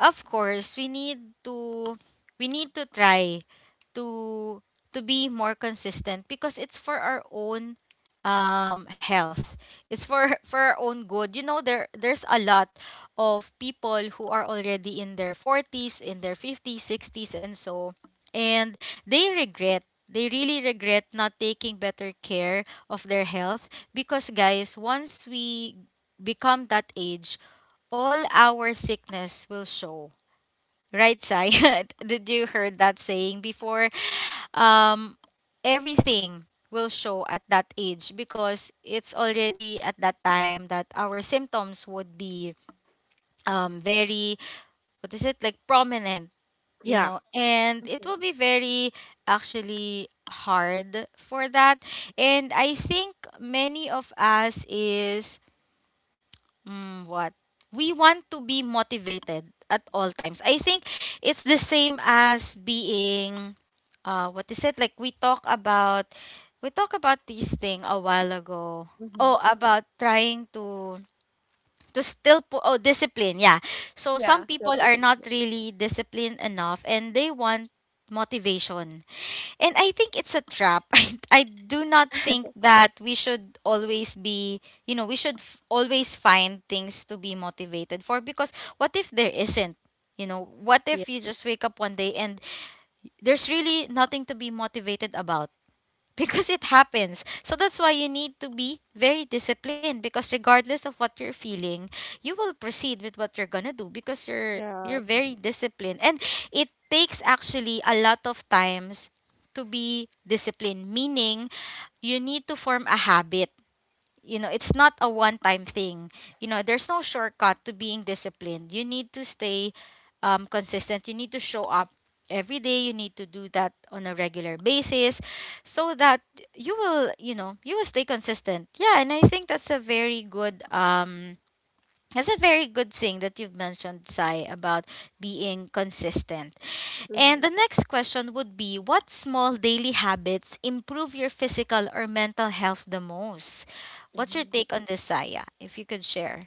Speaker 1: of course to we need to try to to be more consistent because it's for our own health it's for [LAUGHS] for our own good. There's a lot of people who are already in their 40s in their 50s 60s and so and they regret they really regret not taking better care of their health because guys once we become that age all our sickness will show. Right, Sai? [LAUGHS] Did you heard that saying before? Um, Everything will show at that age because it's already at that time that our symptoms would be very, what is it, like prominent, you
Speaker 2: yeah.
Speaker 1: know, and it
Speaker 2: Hmm.
Speaker 1: will be very actually hard for that. And I think many of us is Mm, what? We want to be motivated at all times. I think it's the same as being what is it? Like we talk about this thing a while ago.
Speaker 2: Hmm.
Speaker 1: Oh, about trying to still put oh discipline. Yeah. So some
Speaker 2: Yeah, self
Speaker 1: people are not
Speaker 2: discipline.
Speaker 1: really disciplined enough and they want motivation and I think it's a trap. [LAUGHS] I do not think
Speaker 2: [LAUGHS]
Speaker 1: that we should always be, you know, we should always find things to be motivated for because what if there isn't? You know, what
Speaker 2: Yeah.
Speaker 1: if you just wake up one day and there's really nothing to be motivated about? Because it happens. So that's why you need to be very disciplined because regardless of what you're feeling, you will proceed with what you're gonna do because you're
Speaker 2: Yes.
Speaker 1: very disciplined. And it takes actually a lot of times to be disciplined, meaning you need to form a habit it's not a one time thing there's no shortcut to being disciplined you need to stay consistent you need to show up every day you need to do that on a regular basis so that you know you will stay consistent yeah and I think that's a very good that's a very good thing that you've mentioned sai about being consistent
Speaker 2: Hmm.
Speaker 1: and the next question would be what small daily habits improve your physical or mental health the most? What's your
Speaker 2: Mhm.
Speaker 1: take on this, Saya? If you could share.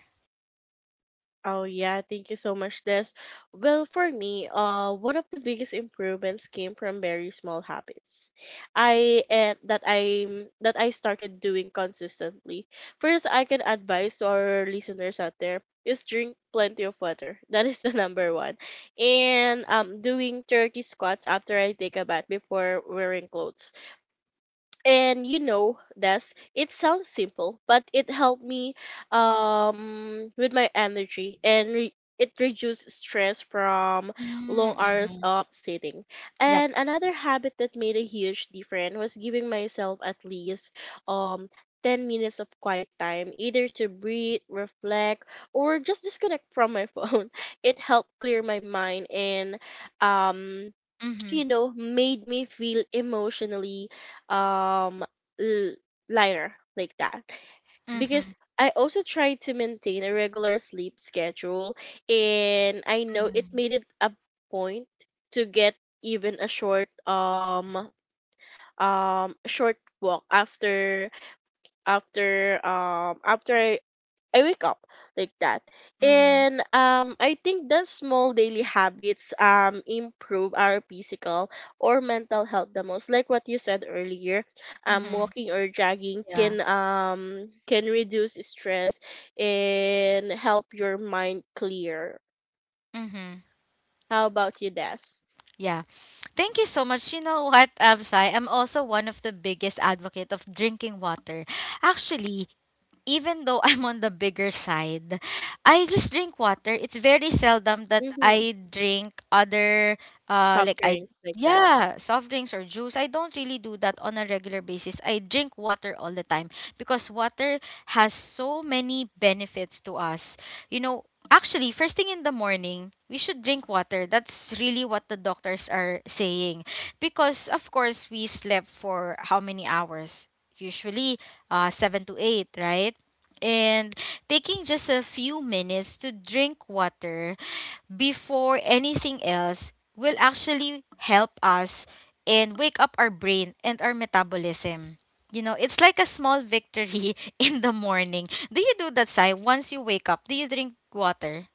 Speaker 2: Oh yeah, thank you so much, Des. Well, for me, one of the biggest improvements came from very small habits I that I that I started doing consistently. First, I can advise to our listeners out there is drink plenty of water. [LAUGHS] That is the number one. And doing 30 squats after I take a bath before wearing clothes. And you know, that's, it sounds simple, but it helped me with my energy and it reduced stress from long hours
Speaker 1: Mm-hmm.
Speaker 2: of sitting.
Speaker 1: Yep.
Speaker 2: And another habit that made a huge difference was giving myself at least um 10 minutes of quiet time, either to breathe, reflect, or just disconnect from my [LAUGHS] phone. It helped clear my mind and, um
Speaker 1: Mm-hmm.
Speaker 2: made me feel emotionally, um l- lighter, like that.
Speaker 1: Mm-hmm.
Speaker 2: Because I also tried to maintain a regular sleep schedule, and I know, it
Speaker 1: Mm-hmm.
Speaker 2: made it a point to get even a short, short walk after, after, after I wake up, like that.
Speaker 1: Mm-hmm.
Speaker 2: And I think that small daily habits improve our physical or mental health the most. Like what you said earlier,
Speaker 1: Mm-hmm.
Speaker 2: walking or jogging
Speaker 1: Yeah.
Speaker 2: can reduce stress and help your mind clear.
Speaker 1: Mm-hmm.
Speaker 2: How about you, Des?
Speaker 1: Yeah. Thank you so much. You know what, Sai? I'm also one of the biggest advocate of drinking water. Actually, even though [LAUGHS] I'm on the bigger side, I just drink water. It's very seldom that
Speaker 2: Mm-hmm.
Speaker 1: I drink other
Speaker 2: Soft
Speaker 1: like I
Speaker 2: drinks, like that.
Speaker 1: yeah, soft drinks or juice. I don't really do that on a regular basis. I drink water all the time because water has so many benefits to us. You know, actually first thing in the morning, we should drink water. That's really what the doctors are saying because of course we slept for how many hours? Usually 7 to 8, right? And taking just a few minutes to drink water before anything else will actually help us and wake up our brain and our metabolism. You know, it's like a small victory [LAUGHS] in the morning. Do you do that, Sai? Once you wake up, do you drink water?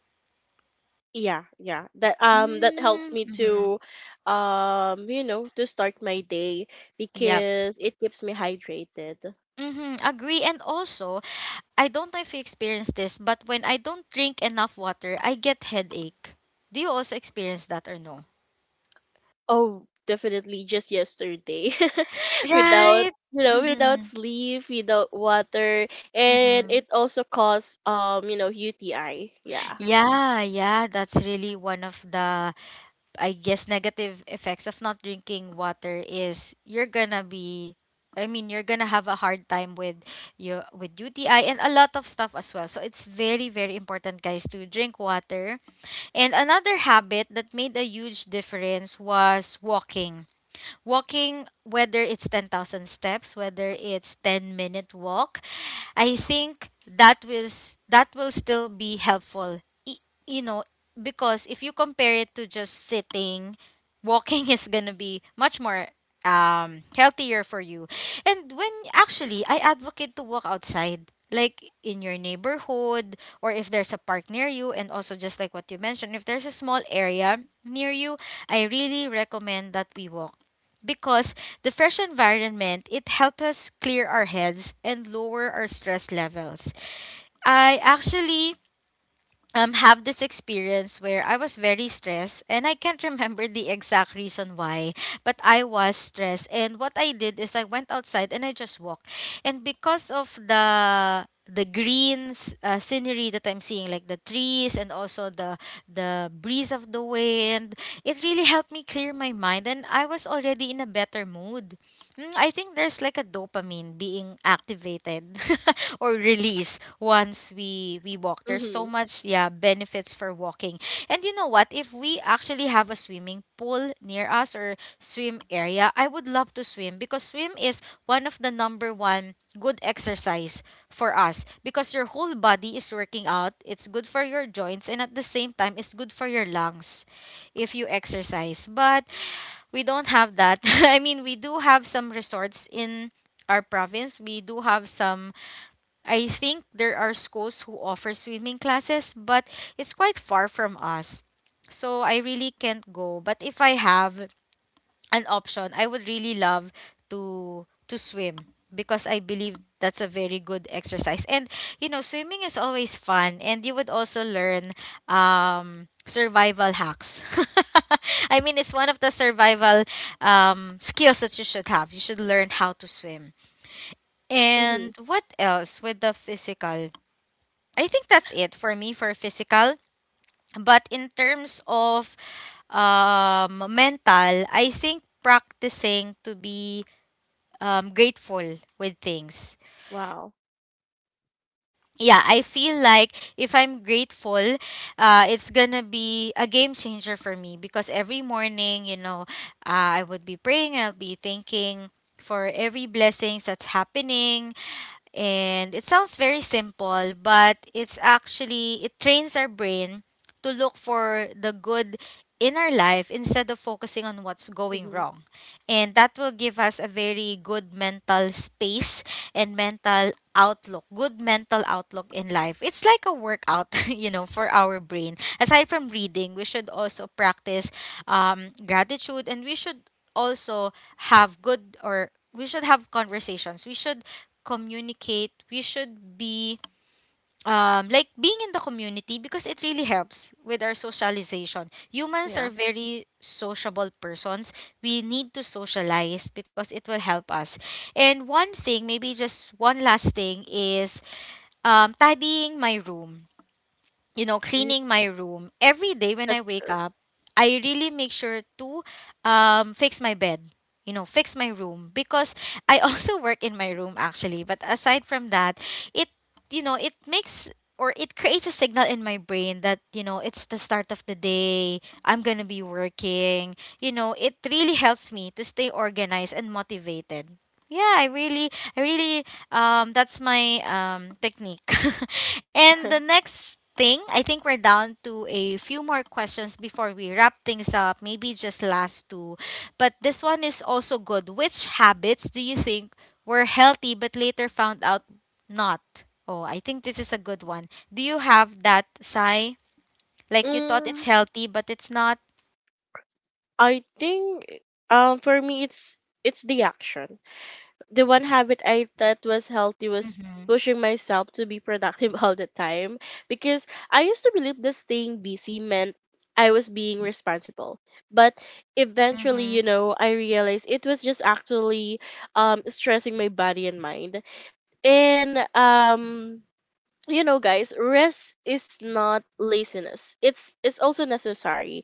Speaker 2: Yeah, yeah, that that helps me
Speaker 1: Mm-hmm.
Speaker 2: to to start my day
Speaker 1: Yep.
Speaker 2: because it keeps me hydrated.
Speaker 1: Mm-hmm. Agree. And also, I don't know if you experience this, but when I don't drink enough water, I get headache. Do you also experience that or no?
Speaker 2: Oh, definitely, just yesterday. [LAUGHS] Without,
Speaker 1: Right.
Speaker 2: you know, without
Speaker 1: Mhm.
Speaker 2: sleep, without water, and
Speaker 1: Mhm.
Speaker 2: it also caused, UTI. Yeah.
Speaker 1: Yeah, yeah, that's really one of the I guess negative effects of not drinking water is you're gonna be I mean, you're gonna have a hard time with your with UTI and a lot of stuff as well. So it's very, very important, guys, to drink water. And another habit that made a huge difference was walking. Walking, whether it's 10,000 steps, whether it's 10 minute walk, I think that will that will still be helpful. You know, because if you compare it to just sitting, walking [LAUGHS] is gonna be much more healthier for you. And when actually I advocate to walk outside like in your neighborhood or if there's a park near you and also just like what you mentioned if there's a small area near you I really recommend that we walk because the fresh environment, it helps us clear our heads and lower our stress levels. I actually have this experience where I was very stressed and I can't [LAUGHS] remember the exact reason why, but I was stressed. And what I did is I went outside and I just walked. And because of the greens scenery that I'm seeing, like the trees and also the breeze of the wind, it really helped me clear my mind and I was already in a better mood. Mm, I think there's like a dopamine being activated [LAUGHS] or released once we walk. There's so
Speaker 2: Mhm.
Speaker 1: much yeah benefits for walking. And you know what? If we actually have a swimming pool near us or swim area, I would love to swim because swim is one of the number one good exercise for us because your whole body is working out. It's good for your joints and at the same time it's good for your lungs if you exercise. But we don't have that. [LAUGHS] I mean, we do have some resorts in our province. We do have some, I think there are schools who offer swimming classes, but it's quite far from us. So I really can't go. But if I have, an option, I would really love to swim because I believe that's a very good exercise. And you know, swimming is always fun and you would also learn survival hacks. [LAUGHS] I mean, it's one of the survival skills that you should have. You should learn how to swim.
Speaker 2: Mhm.
Speaker 1: And what else with the physical? I think that's it for me for physical. But in terms of mental, I think practicing to be grateful with things.
Speaker 2: Wow.
Speaker 1: Yeah, I feel like if I'm grateful, it's gonna be a game changer for me because every morning, you know, I would be praying and I'll be thanking for every blessings that's happening and it sounds very simple, but it's actually, it trains our brain to look for the good in our life instead of focusing on what's going
Speaker 2: Mhm.
Speaker 1: wrong. And that will give us a very good mental space and mental outlook, good mental outlook in life. It's like a workout, [LAUGHS] you know, for our brain. Aside from reading, we should also practice gratitude and we should also have good or we should have conversations. We should communicate we should be like being in the community because it really helps with our socialization. Humans are
Speaker 2: Yeah.
Speaker 1: very sociable persons, we need to socialize because it will help us. And one thing, maybe just one last thing is tidying my room, you know,
Speaker 2: Mhm,
Speaker 1: cleaning my room. Every day when I
Speaker 2: that's
Speaker 1: wake
Speaker 2: true.
Speaker 1: up, I really make sure to fix my bed, you know, fix my room because I also [LAUGHS] work in my room actually. But aside from that, it, you know, it makes or it creates a signal in my brain that, you know, it's the start of the day, I'm going to be working. You know, it really helps me to stay organized and motivated. Yeah, I really that's my technique. [LAUGHS] And the
Speaker 2: [LAUGHS]
Speaker 1: next thing, I think we're down to a few more questions before we wrap things up. Maybe just last two, but this one is also good. Which habits do you think were healthy but later found out not? Oh, I think this is a good one. Do you have that, Sai? Like you thought it's
Speaker 2: Mm,
Speaker 1: healthy but it's not.
Speaker 2: I think for me, it's the action. The one habit I thought was healthy was
Speaker 1: Mhm.
Speaker 2: pushing myself to be productive [LAUGHS] all the time, because I used to believe that staying busy meant I was being responsible. But eventually, you
Speaker 1: Mhm.
Speaker 2: know, I realized it was just actually stressing my body and mind. And guys, rest is not laziness. It's also necessary,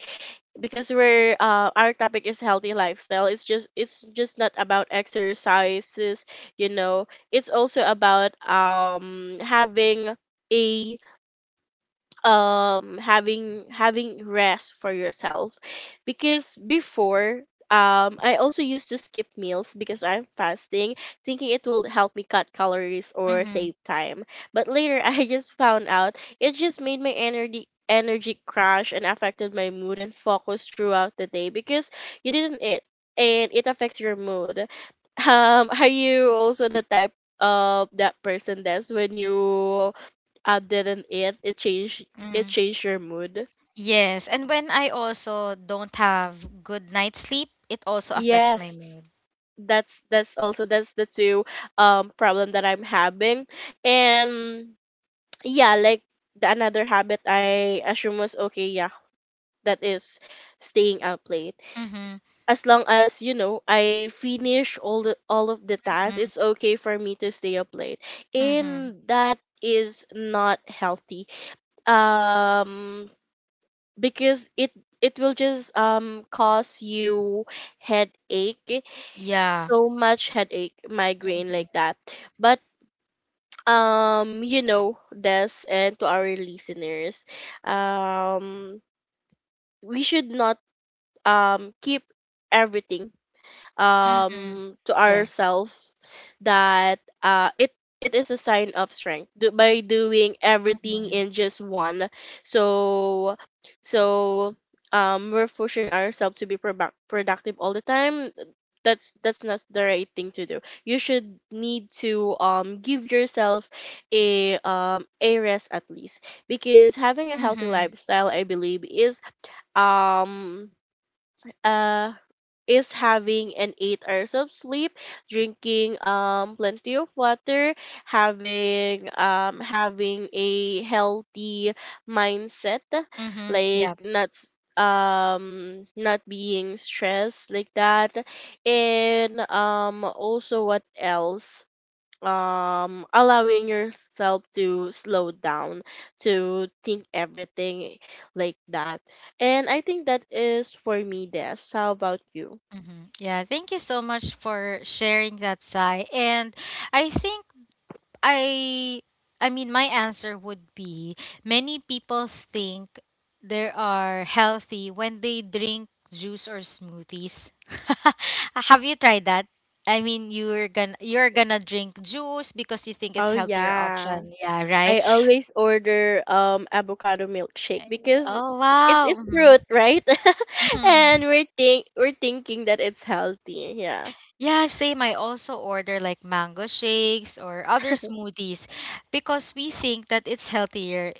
Speaker 2: because we're, our topic is healthy lifestyle, it's just, it's just not about exercises, you know, it's also about having a, having rest for yourself. Because before, I also used to skip meals because I'm fasting, thinking it will help me cut calories or
Speaker 1: Mhm.
Speaker 2: save time, but later [LAUGHS] I just found out it just made my energy crash and affected my mood and focus throughout the day, because you didn't eat and it affects your mood. Um, are you also the type of that person that's when you, didn't, it changed, it
Speaker 1: Mhm.
Speaker 2: changed your mood?
Speaker 1: Yes, and when I also don't have good night sleep, it also affects my
Speaker 2: Yes,
Speaker 1: mood.
Speaker 2: that's also, that's the two problem that I'm having. And yeah, like, the another habit I assume was okay, yeah, that is staying up late,
Speaker 1: Mm-hmm.
Speaker 2: as long as, you know, I finish all, the all of the tasks,
Speaker 1: Mm-hmm.
Speaker 2: it's okay for me to stay up late,
Speaker 1: Mm-hmm.
Speaker 2: and that is not healthy, um because it will just cause you headache,
Speaker 1: Yeah.
Speaker 2: so much headache, migraine, like
Speaker 1: Mm-hmm.
Speaker 2: that. But this, and to our listeners, um we should not keep everything
Speaker 1: Mm-hmm.
Speaker 2: to
Speaker 1: Yeah.
Speaker 2: ourselves, that, it, it is a sign of strength, do, by doing everything
Speaker 1: Mm-hmm.
Speaker 2: in just one. So, so, we're pushing ourselves to be productive all the time. That's not the right thing to do. You should need to give yourself a, a rest, at least, because having a healthy
Speaker 1: Mm-hmm.
Speaker 2: lifestyle, I believe, um uh is having an 8 hours of sleep, drinking plenty of water, having a healthy mindset,
Speaker 1: Mm-hmm.
Speaker 2: like
Speaker 1: Yeah.
Speaker 2: not being stressed, like that, and also, what else? Um, allowing yourself to slow down, to think everything, like that. And I think that is for me, Des. How about you?
Speaker 1: Mm-hmm. Yeah. Thank you so much for sharing that, Sai. And I think I I mean my answer would be, many people think they are healthy when they drink juice or smoothies. [LAUGHS] Have you tried that? I mean you're gonna drink juice because you think it's
Speaker 2: Oh
Speaker 1: healthier
Speaker 2: yeah.
Speaker 1: option. Yeah, right?
Speaker 2: I always order avocado milkshake
Speaker 1: Ay-
Speaker 2: because
Speaker 1: Oh
Speaker 2: it's
Speaker 1: wow.
Speaker 2: it's
Speaker 1: Hmm.
Speaker 2: fruit, right? [LAUGHS]
Speaker 1: Hmm.
Speaker 2: And we're think, we're thinking that it's healthy. Yeah.
Speaker 1: Yeah, same. I also order like mango shakes or other smoothies because we think that it's healthier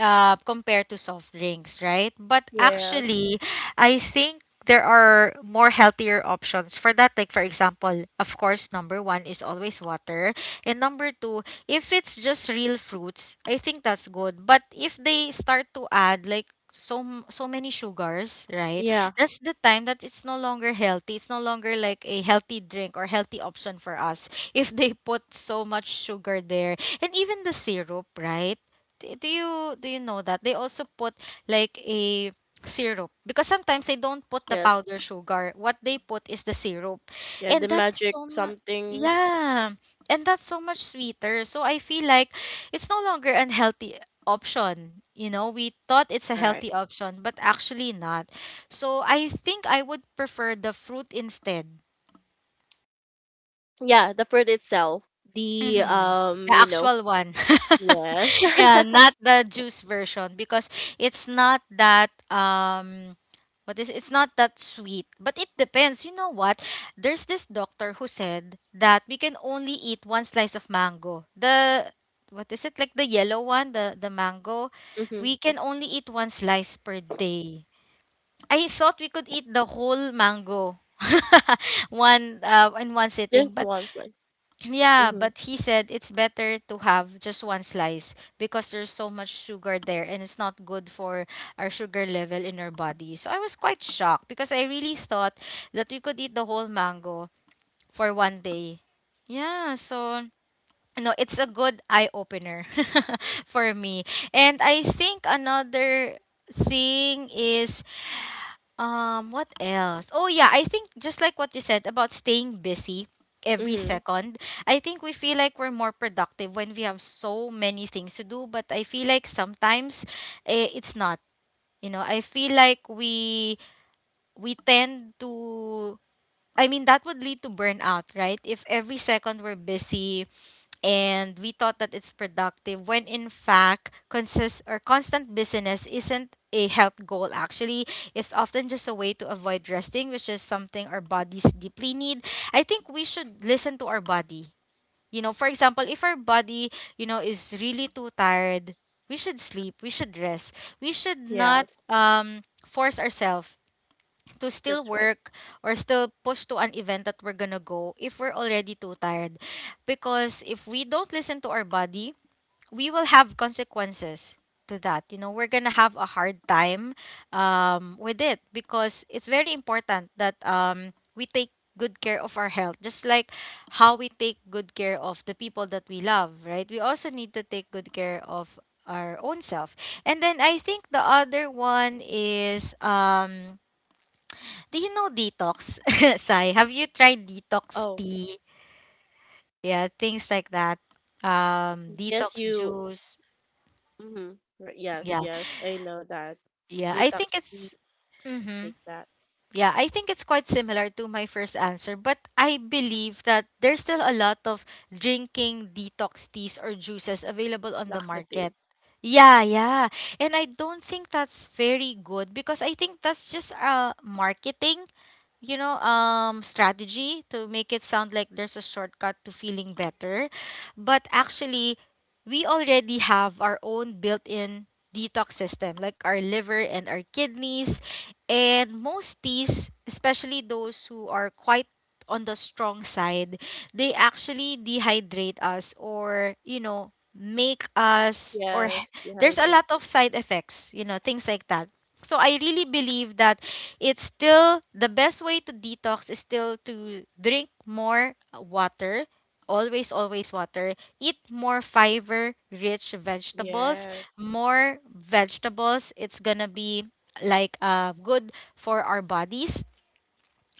Speaker 1: compared to soft drinks, right? But
Speaker 2: Yes.
Speaker 1: actually, I think there are more healthier options for that. Like, for example, of course, number one is always water. And number two, if it's just real fruits, I think that's good. But if they start to add, like, so many sugars, right?
Speaker 2: Yeah.
Speaker 1: That's the time that it's no longer healthy, it's no longer like a healthy drink or healthy option for us if they put so much sugar there, and even the syrup, right? Do you know that they also put like a syrup because sometimes they don't put the
Speaker 2: Yes.
Speaker 1: powder [LAUGHS] sugar, what they put is the syrup,
Speaker 2: Yeah, the
Speaker 1: and that's
Speaker 2: magic
Speaker 1: so much,
Speaker 2: something.
Speaker 1: yeah, and that's so much sweeter. So I feel like it's no longer an healthy option, you know, we thought it's a
Speaker 2: Right.
Speaker 1: healthy option but actually not. So I think I would prefer the fruit instead.
Speaker 2: Yeah, the fruit itself. The
Speaker 1: Mhm. The
Speaker 2: you know,
Speaker 1: actual one. [LAUGHS]
Speaker 2: yes.
Speaker 1: Yeah,
Speaker 2: [LAUGHS]
Speaker 1: not the juice version because it's not that what is it's not that sweet. But it depends. You know what? There's this doctor who said that we can only eat one slice of mango. The, what is it? Like the yellow one, the mango.
Speaker 2: Mhm.
Speaker 1: We can only eat one slice per day. I thought we could eat the whole mango [LAUGHS] one in one sitting,
Speaker 2: Just
Speaker 1: but
Speaker 2: one slice.
Speaker 1: yeah,
Speaker 2: Mhm.
Speaker 1: but he said it's better to have just one slice because there's so much sugar there and it's not good for our sugar level in our body. So I was quite shocked because I really thought that we could eat the whole mango for one day. Yeah, so no, it's a good eye opener [LAUGHS] for me. And I think another thing is, what else? Oh yeah, I think just like what you said about staying busy every
Speaker 2: Mhm.
Speaker 1: second, I think we feel like we're more productive when we have so many things to do, but I feel like sometimes eh, it's not. You know, I feel like we tend to, I mean that would lead to burnout, right? If every second we're busy, and we thought that it's productive, when in fact consist or constant busyness isn't a health goal actually, it's often just a way to avoid resting, which is something our bodies deeply need. I think we should listen to our body. You know, for example, if our body, you know, is really too tired, we should sleep, we should rest, we should not
Speaker 2: Yes.
Speaker 1: force ourselves to still
Speaker 2: That's right.
Speaker 1: work or still push to an event that we're gonna go if we're already too tired. Because if we don't listen to our body, we will have consequences to that. You know, we're gonna have a hard time with it because it's very important that we take good care of our health just like how we take good care of the people that we love, right? We also need to take good care of our own self. And then I think the other one is, do you know detox, [LAUGHS] Sai? Have you tried detox
Speaker 2: Oh,
Speaker 1: tea? Yeah, things like that.
Speaker 2: yes,
Speaker 1: Detox
Speaker 2: you.
Speaker 1: juice.
Speaker 2: Mhm. Right. Yes,
Speaker 1: Yeah,
Speaker 2: yes. I know that.
Speaker 1: yeah. I
Speaker 2: Detox.
Speaker 1: think it's. Mm-hmm.
Speaker 2: Take that.
Speaker 1: Yeah, I think it's quite similar to my first answer, but I believe that there's still a lot of drinking detox teas or juices available on the
Speaker 2: Laxative.
Speaker 1: market. Yeah, yeah. And I don't think that's very good because I think that's just marketing, you know, strategy to make it sound like there's a shortcut to feeling better. But actually, we already have our own built in detox system, like our liver and our kidneys. And most teas, especially those who are quite on the strong side, they actually dehydrate us or, you know, make us, or
Speaker 2: Yes.
Speaker 1: [LAUGHS] there's a
Speaker 2: Dehydrate.
Speaker 1: lot of side effects, you know, things like that. So I really believe that it's still, the best way to detox is still to drink more water, always always water, eat more fiber rich vegetables,
Speaker 2: Yes.
Speaker 1: more vegetables, it's gonna be like good for our bodies.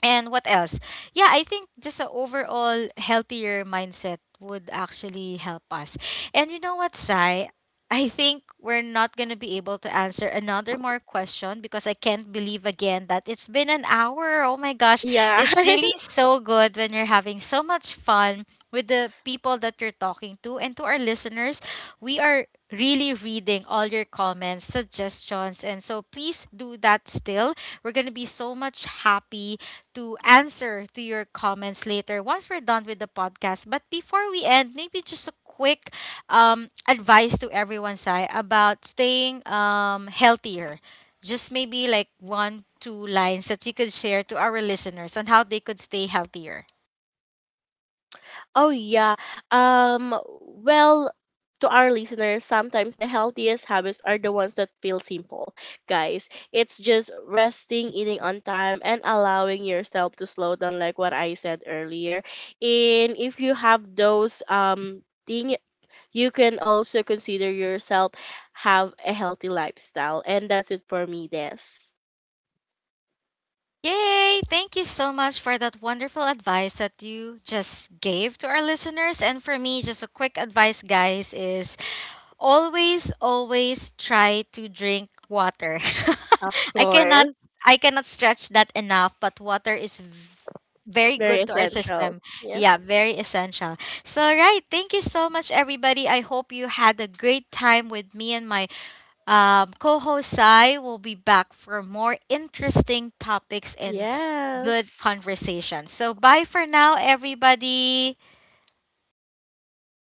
Speaker 1: And what else? Yeah, I think just an overall healthier mindset would actually help us. And you know what, Sai? I think we're not going to be able to answer another more question because I can't believe again that it's been an hour. Oh my gosh.
Speaker 2: Yeah.
Speaker 1: It's really
Speaker 2: [LAUGHS]
Speaker 1: so good when you're having so much fun with the people that you're talking to. And to our listeners, we are really reading all your comments, suggestions. And so please do that still. We're going to be so much happy to answer to your comments later once we're done with the podcast. But before we end, maybe just a quick advice to everyone, Sai, about staying healthier. Just maybe like one, two lines that you could share to our listeners on how they could stay healthier.
Speaker 2: Oh yeah. Um, well, to our listeners, sometimes the healthiest habits are the ones that feel simple, guys. It's just resting, eating on time, and allowing yourself to slow down, like what I said earlier. And if you have those thing, you can also consider yourself have a healthy lifestyle. And that's it for me, Des.
Speaker 1: Yay! Thank you so much for that wonderful advice that you just gave to our listeners. And for me, just a quick advice, guys, is always, always try to drink water.
Speaker 2: Of
Speaker 1: [LAUGHS] I cannot
Speaker 2: course.
Speaker 1: I cannot stretch that enough, but water is very
Speaker 2: Very
Speaker 1: good to our
Speaker 2: essential.
Speaker 1: system.
Speaker 2: Yes.
Speaker 1: Yeah, very essential. So right, thank you so much everybody. I hope you had a great time with me and my Co host Sai will be back for more interesting topics and good
Speaker 2: Yes.
Speaker 1: conversations. So, bye for now, everybody.
Speaker 2: Bye.